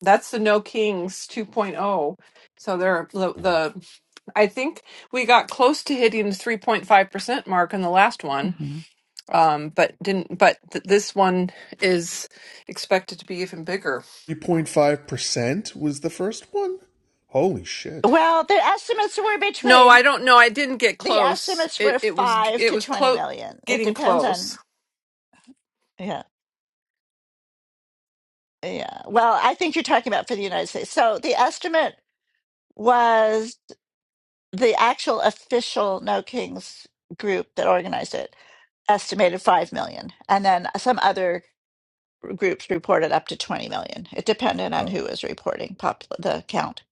[SPEAKER 1] that's the No Kings 2.0. So there, the, the I think we got close to hitting the 3.5 percent mark in the last one,
[SPEAKER 2] mhm.
[SPEAKER 1] um, but didn't. But th- this one is expected to be even bigger.
[SPEAKER 7] 3.5% was the first one? Holy shit.
[SPEAKER 2] well, the estimates were
[SPEAKER 1] No,
[SPEAKER 2] between
[SPEAKER 1] I don't know. I didn't get
[SPEAKER 2] the
[SPEAKER 1] close.
[SPEAKER 2] estimates were
[SPEAKER 1] It it was
[SPEAKER 2] five
[SPEAKER 1] it
[SPEAKER 2] to
[SPEAKER 1] was
[SPEAKER 2] twenty
[SPEAKER 1] close
[SPEAKER 2] million. It
[SPEAKER 1] getting
[SPEAKER 2] depends
[SPEAKER 1] close.
[SPEAKER 2] on, yeah, yeah. Well, I think you're talking about for the United States. So the estimate was the actual official No Kings group that organized it estimated five million, and then some other groups reported up to 20 million. It depended on
[SPEAKER 7] Oh,
[SPEAKER 2] who was reporting pop the count.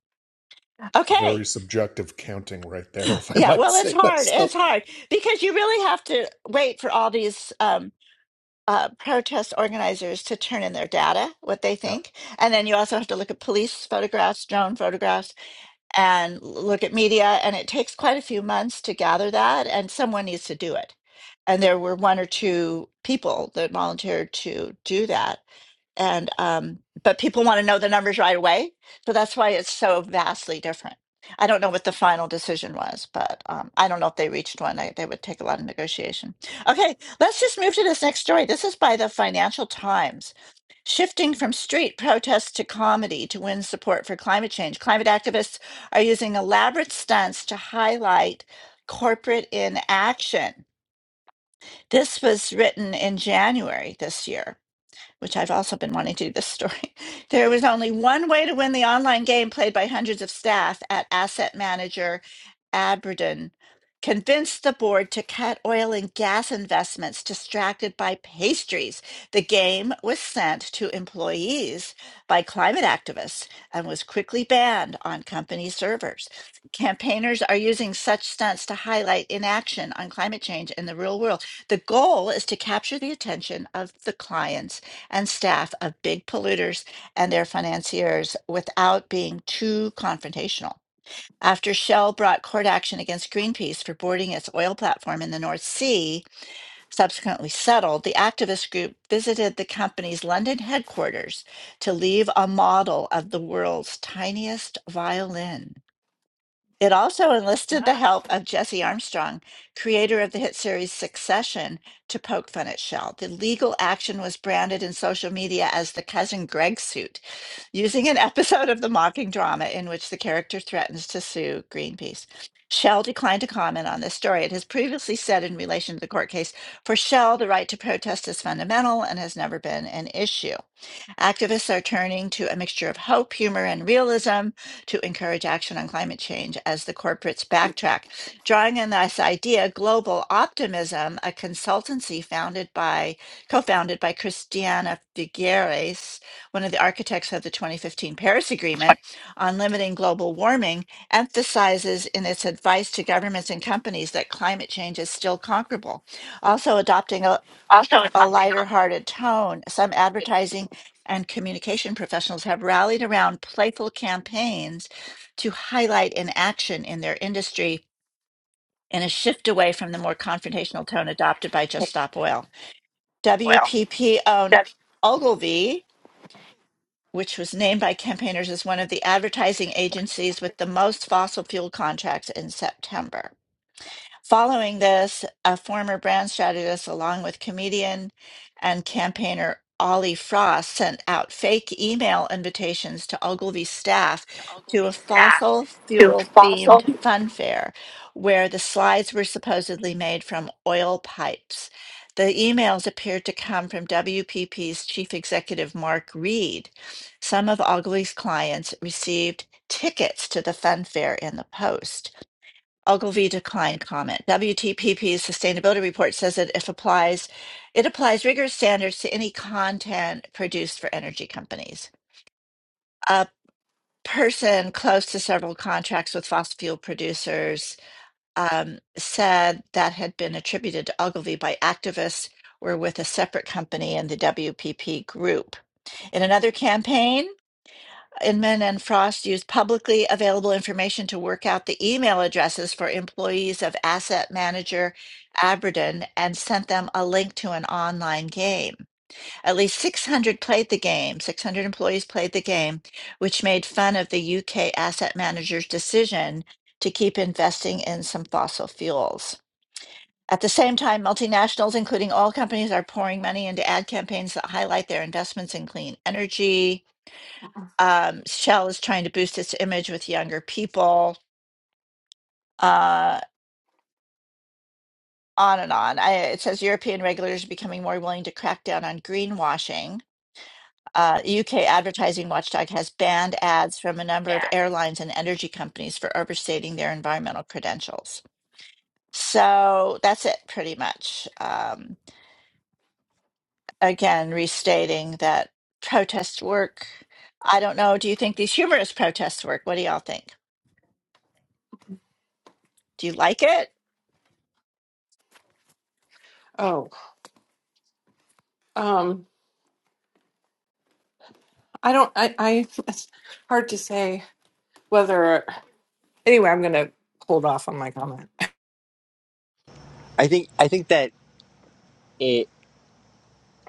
[SPEAKER 7] very
[SPEAKER 2] Okay.
[SPEAKER 7] subjective counting right there if I
[SPEAKER 2] Yeah,
[SPEAKER 7] might
[SPEAKER 2] well it's
[SPEAKER 7] say
[SPEAKER 2] hard. It's
[SPEAKER 7] myself.
[SPEAKER 2] hard because you really have to wait for all these um uh, protest organizers to turn in their data, what they
[SPEAKER 7] Yeah.
[SPEAKER 2] think. And then you also have to look at police photographs, drone photographs, and look at media. And it takes quite a few months to gather that, and someone needs to do it. And there were one or two people that volunteered to do that and um, but people want to know the numbers right away. So that's why it's so vastly different. I don't know what the final decision was, but um, I don't know if they reached one. I, they would take a lot of negotiation. Okay, let's just move to this next story. This is by the Financial Times. Shifting from street protests to comedy to win support for climate change. Climate activists are using elaborate stunts to highlight corporate inaction. This was written in January this year which I've also been wanting to do this story. There was only one way to win the online game played by hundreds of staff at asset manager Aberdeen. Convinced the board to cut oil and gas investments distracted by pastries. The game was sent to employees by climate activists and was quickly banned on company servers. Campaigners are using such stunts to highlight inaction on climate change in the real world. The goal is to capture the attention of the clients and staff of big polluters and their financiers without being too confrontational. After Shell brought court action against Greenpeace for boarding its oil platform in the North Sea, subsequently settled, the activist group visited the company's London headquarters to leave a model of the world's tiniest violin. It also enlisted the
[SPEAKER 1] Ah.
[SPEAKER 2] help of Jesse Armstrong, creator of the hit series Succession, to poke fun at Shell. The legal action was branded in social media as the Cousin Greg suit, using an episode of the mocking drama in which the character threatens to sue Greenpeace. Shell declined to comment on this story. It has previously said in relation to the court case for Shell, the right to protest is fundamental and has never been an issue. Activists are turning to a mixture of hope, humor, and realism to encourage action on climate change as the corporates backtrack. Drawing on this idea, Global Optimism, a consultancy founded by co-founded by Christiana Figueres, one of the architects of the 2015 Paris Agreement on limiting global warming, emphasizes in its advice to governments and companies that climate change is still conquerable. Also adopting a a lighter hearted tone, some advertising and communication professionals have rallied around playful campaigns to highlight inaction in their industry and a shift away from the more confrontational tone adopted by Just Stop Oil. WPP owned Ogilvy, which was named by campaigners as one of the advertising agencies with the most fossil fuel contracts in September. Following this, a former brand strategist, along with comedian and campaigner Ollie Frost, sent out fake email invitations to Ogilvy staff to a fossil fuel themed fun fair where the slides were supposedly made from oil pipes. The emails appeared to come from WPP's chief executive, Mark Reed. Some of Ogilvy's clients received tickets to the fun fair in the post. Ogilvy declined comment. WTPP's sustainability report says that if applies, it applies rigorous standards to any content produced for energy companies. A person close to several contracts with fossil fuel producers um, said that had been attributed to Ogilvy by activists were with a separate company in the WPP group. In another campaign, Inman and Frost used publicly available information to work out the email addresses for employees of asset manager Aberdeen and sent them a link to an online game. At least 600 played the game, 600 employees played the game, which made fun of the UK asset manager's decision to keep investing in some fossil fuels. At the same time, multinationals, including oil companies, are pouring money into ad campaigns that highlight their investments in clean energy, um, Shell is trying to boost its image with younger people. Uh, on and on. I, it says European regulators are becoming more willing to crack down on greenwashing. Uh, UK advertising watchdog has banned ads from a number of airlines and energy companies for overstating their environmental credentials. So that's it, pretty much. Um, again, restating that protests work. I don't know. Do you think these humorous protests work? What do y'all think? Do you like it?
[SPEAKER 1] Oh, um, I don't. I, I. It's hard to say whether. Anyway, I'm gonna hold off on my comment.
[SPEAKER 4] I think I think that it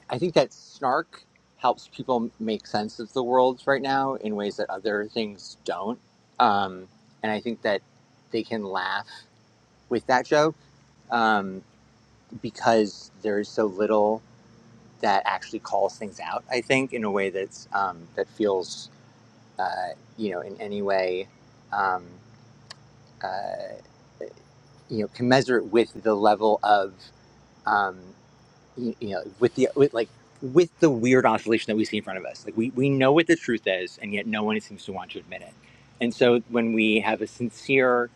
[SPEAKER 4] I think that snark helps people make sense of the world right now in ways that other things don't. Um, and I think that they can laugh with that joke um, because there is so little that actually calls things out. I think in a way that's um, that feels uh, you know in any way um, uh, you know commensurate with the level of um, you, you know with the with like with the weird oscillation that we see in front of us. Like we we know what the truth is, and yet no one seems to want to admit it. And so when we have a sincere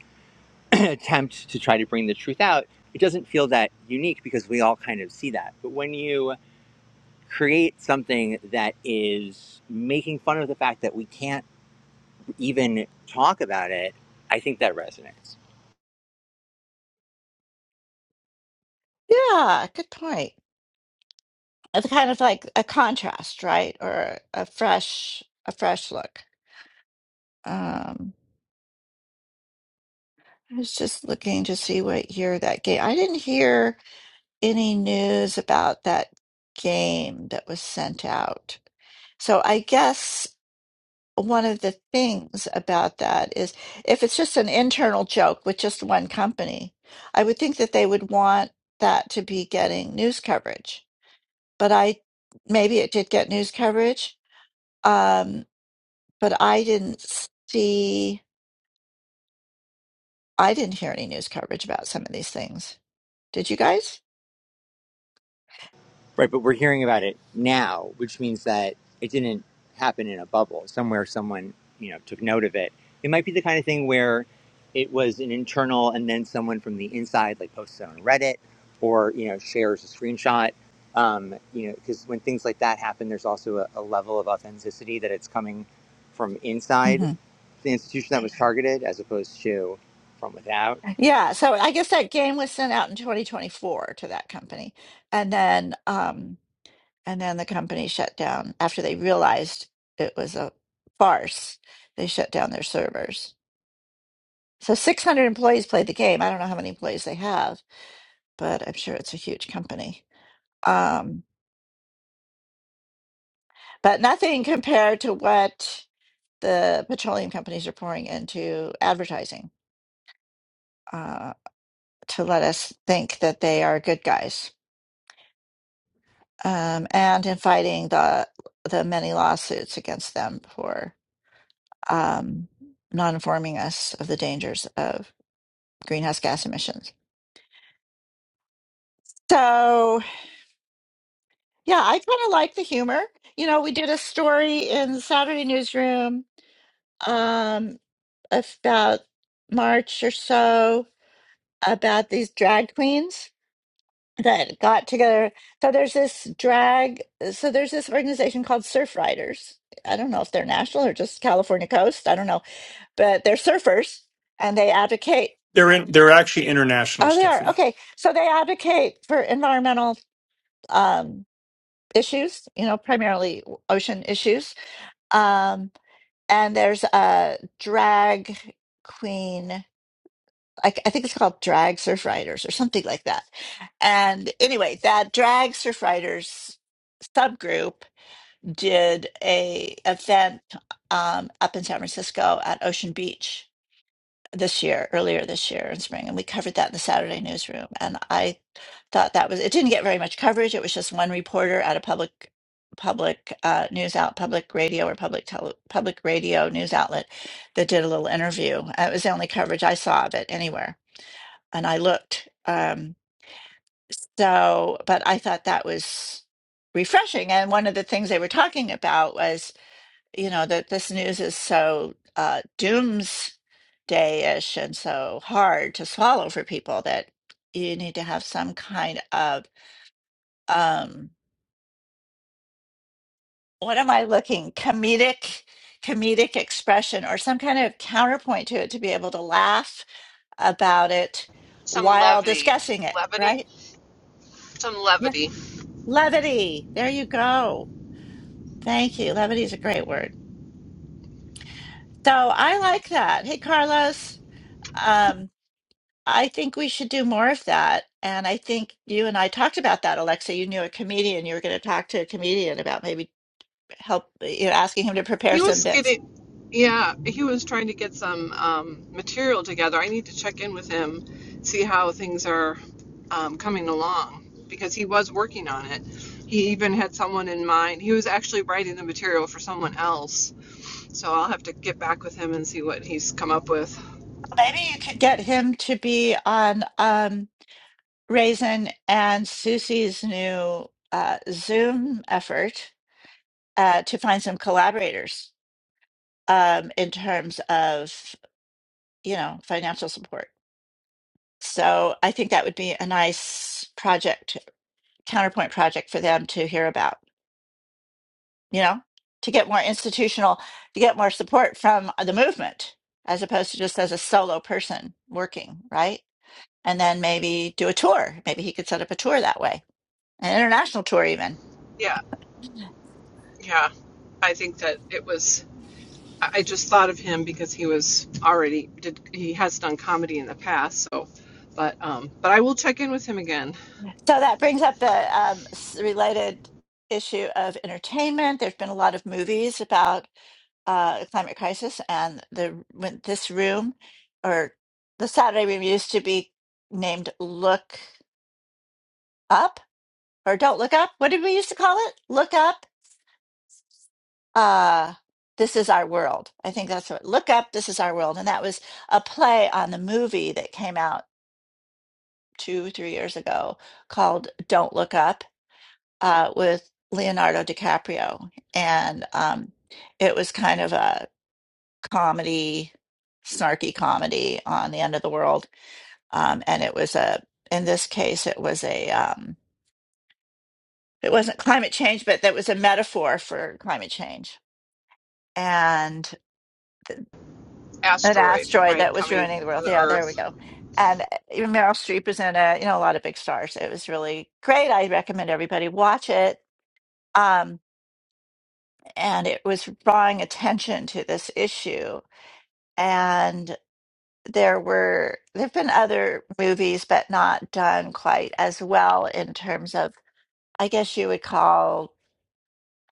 [SPEAKER 4] attempt to try to bring the truth out, it doesn't feel that unique because we all kind of see that. But when you create something that is making fun of the fact that we can't even talk about it, I think that resonates.
[SPEAKER 2] Yeah, good point. It's kind of like a contrast, right? Or a fresh a fresh look. Um, I was just looking to see what year that game. I didn't hear any news about that game that was sent out. So I guess one of the things about that is if it's just an internal joke with just one company, I would think that they would want that to be getting news coverage. But I maybe it did get news coverage Um, but I didn't see, I didn't hear any news coverage about some of these things. Did you guys?
[SPEAKER 4] Right, but we're hearing about it now, which means that it didn't happen in a bubble. Somewhere someone, you know, took note of it. It might be the kind of thing where it was an internal and then someone from the inside like posts it on Reddit or, you know, shares a screenshot. Um, you know, because when things like that happen, there's also a, a level of authenticity that it's coming from inside
[SPEAKER 2] hmm
[SPEAKER 4] the institution that was targeted as opposed to from without.
[SPEAKER 2] Yeah, so I guess that game was sent out in 2024 to that company. And then um and then the company shut down after they realized it was a farce. They shut down their servers. So 600 employees played the game. I don't know how many employees they have, but I'm sure it's a huge company. Um but nothing compared to what the petroleum companies are pouring into advertising uh, to let us think that they are good guys, um, and in fighting the the many lawsuits against them for um, not informing us of the dangers of greenhouse gas emissions. So, yeah, I kind of like the humor. You know, we did a story in the Saturday newsroom um, about March or so about these drag queens that got together. So there's this drag. So there's this organization called Surf Riders. I don't know if they're national or just California coast. I don't know, but they're surfers and they advocate.
[SPEAKER 3] They're in, they're actually international,
[SPEAKER 2] Oh, they are
[SPEAKER 3] Stephanie.
[SPEAKER 2] okay. So they advocate for environmental um, issues. You know, primarily ocean issues. Um, and there's a drag queen. I, I think it's called Drag Surf Riders or something like that. And anyway, that Drag Surf Riders subgroup did a event um, up in San Francisco at Ocean Beach this year, earlier this year in spring, and we covered that in the Saturday newsroom. And I thought that was it didn't get very much coverage. It was just one reporter at a public public uh, news out public radio or public tele, public radio news outlet that did a little interview. Uh, It was the only coverage I saw of it anywhere, and I looked. Um, so, but I thought that was refreshing. And one of the things they were talking about was you know, that this news is so uh, doomsday-ish and so hard to swallow for people that you need to have some kind of um, what am I looking, comedic, comedic expression or some kind of counterpoint to it to be able to laugh about it while discussing it, right? Yeah. Levity. There you go. Thank you. Levity is a great word. So I like that. Hey, Carlos. Um, I think we should do more of that. And I think you and I talked about that, Alexa. You knew a comedian. You were going to talk to a comedian about maybe help, uh, you know, asking him to prepare
[SPEAKER 1] He
[SPEAKER 2] some
[SPEAKER 1] was
[SPEAKER 2] bits.
[SPEAKER 1] getting, yeah, he was trying to get some um, material together. I need to check in with him, see how things are um, coming along because he was working on it. He even had someone in mind. He was actually writing the material for someone else. So I'll have to get back with him and see what he's come up with.
[SPEAKER 2] Well, Maybe you could get him to be on um, Raisin and Susie's new uh, Zoom effort. uh, to find some collaborators um, in terms of you know financial support. So I think that would be a nice project, counterpoint project for them to hear about. You know, to get more institutional, to get more support from the movement as opposed to just as a solo person working, right? And then maybe do a tour. Maybe he could set up a tour that way, an international tour even
[SPEAKER 1] Yeah, yeah. I think that it was. I just thought of him because he was already did he has done comedy in the past, so but um but I will check in with him again.
[SPEAKER 2] So that brings up the um, s- related issue of entertainment. There's been a lot of movies about uh, the climate crisis, and the when this room or the Saturday room used to be named "Look Up" or "Don't Look Up." What did we used to call it? "Look Up." Uh, this is our world. I think that's what "Look Up." This is our world, and that was a play on the movie that came out two, three years ago called "Don't Look Up." uh, with Leonardo DiCaprio, and um, it was kind of a comedy, snarky comedy on the end of the world. Um, and it was a, in this case, it was a, um, it wasn't climate change, but that was a metaphor for climate change and an
[SPEAKER 1] Asteroid,
[SPEAKER 2] asteroid that
[SPEAKER 1] right,
[SPEAKER 2] was
[SPEAKER 1] coming
[SPEAKER 2] ruining the
[SPEAKER 1] for
[SPEAKER 2] world.
[SPEAKER 1] the
[SPEAKER 2] Yeah, there we
[SPEAKER 1] earth.
[SPEAKER 2] go. And uh, Meryl Streep is in it, you know, a lot of big stars. It was really great. I recommend everybody watch it. Um, and it was drawing attention to this issue. And there were there have been other movies, but not done quite as well in terms of, I guess you would call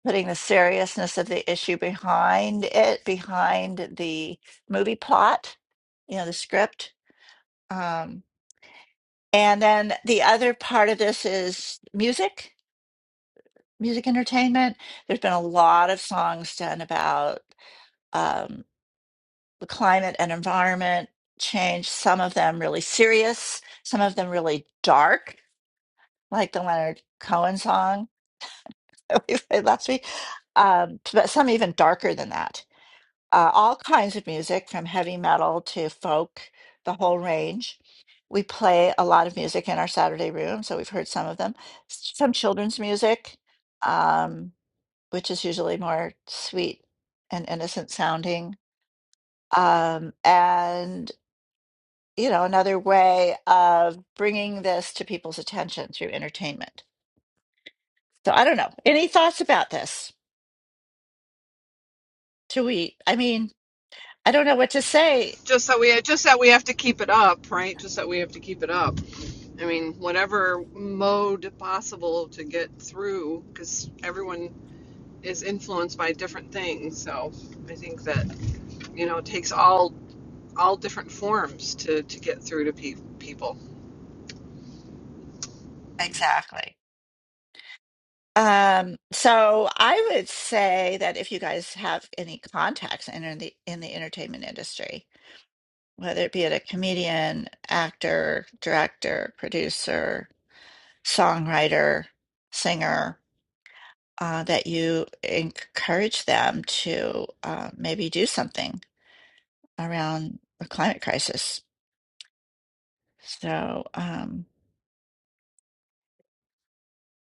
[SPEAKER 2] putting the seriousness of the issue behind it, behind the movie plot, you know, the script. Um, and then the other part of this is music, music entertainment. There's been a lot of songs done about. um, the climate and environment change, some of them really serious, some of them really dark, like the Leonard Cohen song that we played last week, um, but some even darker than that. Uh, all kinds of music, from heavy metal to folk, the whole range. We play a lot of music in our Saturday room, so we've heard some of them. S- Some children's music, um, which is usually more sweet and innocent sounding um, and you know, another way of bringing this to people's attention through entertainment. So I don't know. Any thoughts about this? Do we, I mean, I don't know what to say
[SPEAKER 1] Just that we just that we have to keep it up, right? Just that we have to keep it up. I mean, whatever mode possible to get through cuz everyone is influenced by different things. So, I think that, you know, it takes all all different forms to to get through to pe- people.
[SPEAKER 2] exactly. Um, so I would say that if you guys have any contacts in, in the in the entertainment industry, whether it be it a comedian, actor, director, producer, songwriter, singer, uh, that you encourage them to uh, maybe do something around the climate crisis. So, um,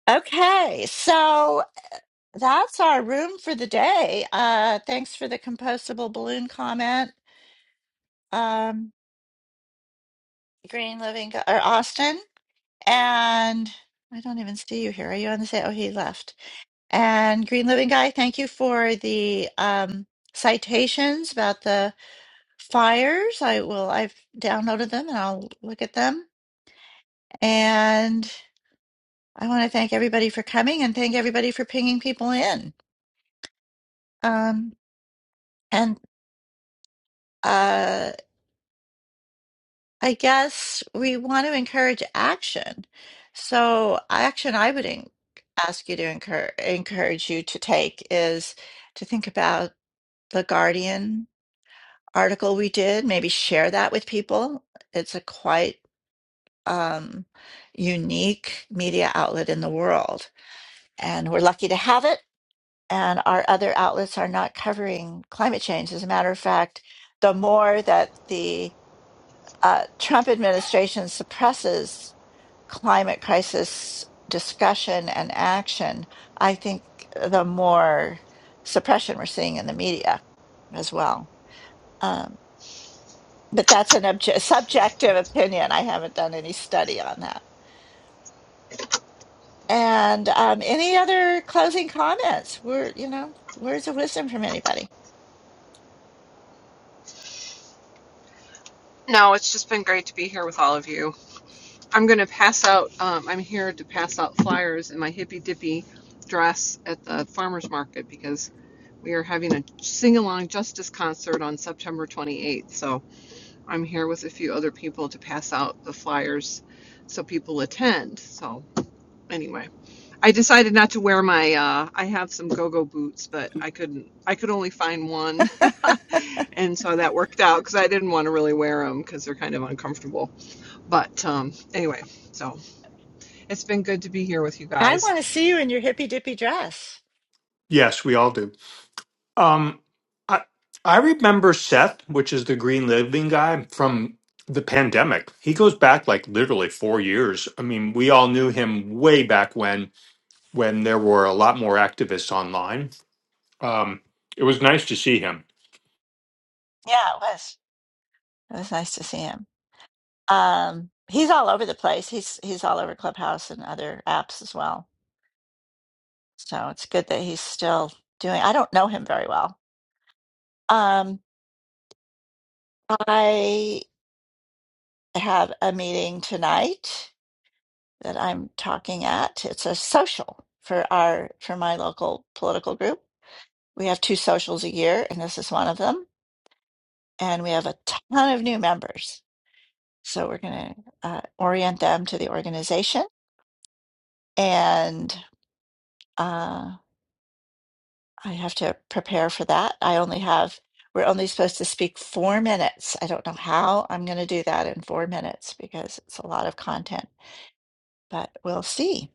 [SPEAKER 2] okay, so that's our room for the day. Uh, thanks for the compostable balloon comment, um, Green Living or Austin. And I don't even see you here. Are you on the same? Oh, he left. And Green Living Guy, thank you for the um, citations about the fires. I will, I've downloaded them and I'll look at them. And I want to thank everybody for coming and thank everybody for pinging people in. Um, and uh, I guess we want to encourage action. So, action I would en- ask you to encourage, encourage you to take is to think about the Guardian article we did, maybe share that with people. It's a quite um, unique media outlet in the world, and we're lucky to have it and our other outlets are not covering climate change. As a matter of fact, the more that the uh, Trump administration suppresses climate crisis discussion and action, I think the more suppression we're seeing in the media as well. Um, but that's an obje- subjective opinion. I haven't done any study on that. And um, any other closing comments? We're, you know, words of wisdom from anybody?
[SPEAKER 1] No, it's just been great to be here with all of you. I'm gonna pass out. Um, I'm here to pass out flyers in my hippy dippy dress at the farmers market because we are having a sing along justice concert on September 28th. So I'm here with a few other people to pass out the flyers so people attend. So anyway, I decided not to wear my. Uh, I have some go-go boots, but I couldn't. I could only find one, and so that worked out because I didn't want to really wear them because they're kind of uncomfortable. But um, anyway, so it's been good to be here with you
[SPEAKER 2] I
[SPEAKER 1] guys.
[SPEAKER 2] want to see you in your hippy dippy dress.
[SPEAKER 3] Yes, we all do. Um, I I remember Seth, which is the Green Living guy from the pandemic. He goes back like literally four years. I mean, we all knew him way back when when there were a lot more activists online. Um, it was nice to see him.
[SPEAKER 2] Yeah, it was. It was nice to see him. Um, he's all over the place. He's he's all over Clubhouse and other apps as well. So it's good that he's still doing. I don't know him very well. Um, I have a meeting tonight that I'm talking at. It's a social for our for my local political group. We have two socials a year, and this is one of them. And we have a ton of new members. So we're going to uh, orient them to the organization. And uh, I have to prepare for that. I only have, we're only supposed to speak four minutes. I don't know how I'm going to do that in four minutes because it's a lot of content, but we'll see.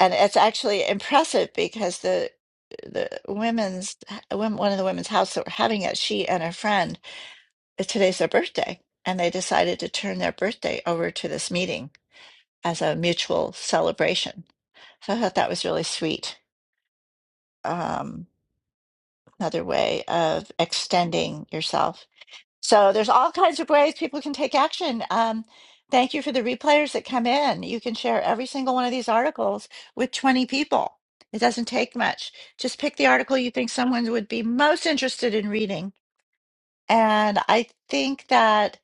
[SPEAKER 2] And it's actually impressive because the the women's wom- one of the women's house that we're having it, she and her friend, uh, today's their birthday, and they decided to turn their birthday over to this meeting as a mutual celebration So I thought that was really sweet. Um, another way of extending yourself. So there's all kinds of ways people can take action. Um, thank you for the replayers that come in. You can share every single one of these articles with 20 people. It doesn't take much. Just pick the article you think someone would be most interested in reading. And I think that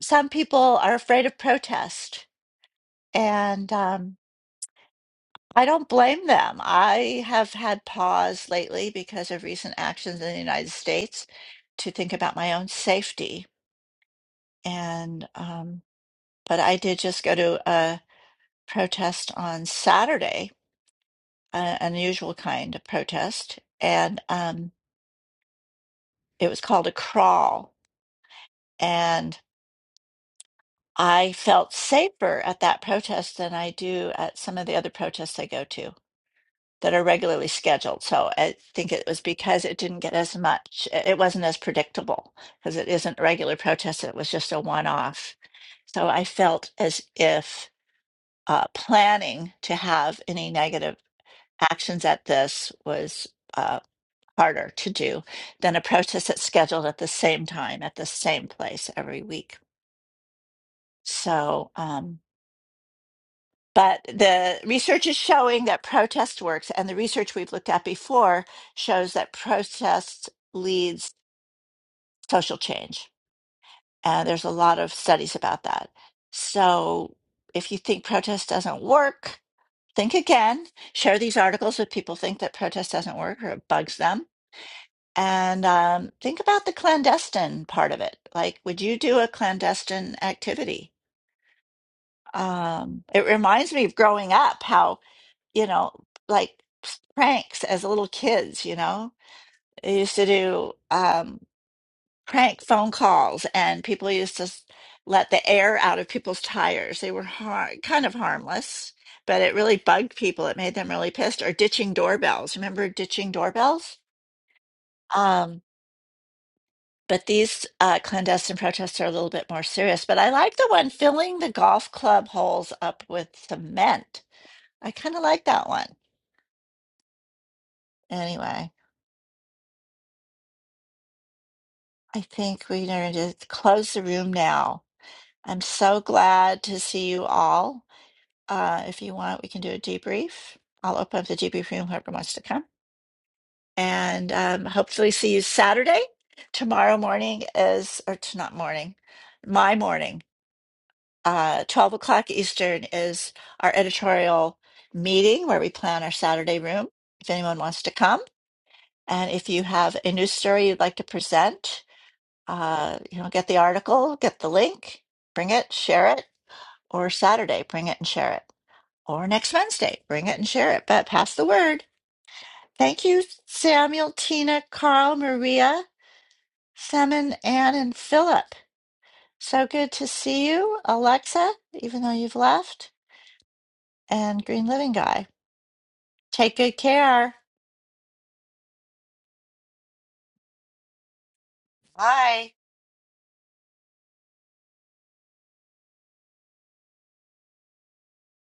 [SPEAKER 2] some people are afraid of protest. And um, I don't blame them. I have had pause lately because of recent actions in the United States to think about my own safety. And, um, but I did just go to a protest on Saturday, an unusual kind of protest, and um, it was called a crawl. And I felt safer at that protest than I do at some of the other protests I go to. that are regularly scheduled. So I think it was because it didn't get as much, it wasn't as predictable because it isn't regular protest, it was just a one off. So I felt as if uh, planning to have any negative actions at this was uh, harder to do than a protest that's scheduled at the same time, at the same place every week. So, um, But the research is showing that protest works, and the research we've looked at before shows that protest leads social change. And there's a lot of studies about that. So if you think protest doesn't work, think again. Share these articles with people who think that protest doesn't work or it bugs them. And um, think about the clandestine part of it. Like, would you do a clandestine activity? Um, it reminds me of growing up how you know, like pranks as little kids, you know. They used to do um, prank phone calls, and people used to s- let the air out of people's tires. They were har kind of harmless, but it really bugged people. It made them really pissed. Or ditching doorbells. Remember ditching doorbells? Um, but these uh, clandestine protests are a little bit more serious. But I like the one filling the golf club holes up with cement. I kind of like that one. Anyway. I think we're going to close the room now. I'm so glad to see you all. Uh, if you want, we can do a debrief. I'll open up the debrief room, whoever wants to come. And um, hopefully, see you Saturday. Tomorrow morning is, or t- not morning, my morning, uh, 12 o'clock Eastern is our editorial meeting where we plan our Saturday room if anyone wants to come. And if you have a news story you'd like to present, uh, you know, get the article, get the link, bring it, share it, or Saturday, bring it and share it, or next Wednesday, bring it and share it, but pass the word. Thank you, Samuel, Tina, Carl, Maria, Simon, Anne, and Philip. So good to see you, Alexa, even though you've left, and Green Living Guy. Take good care. Bye.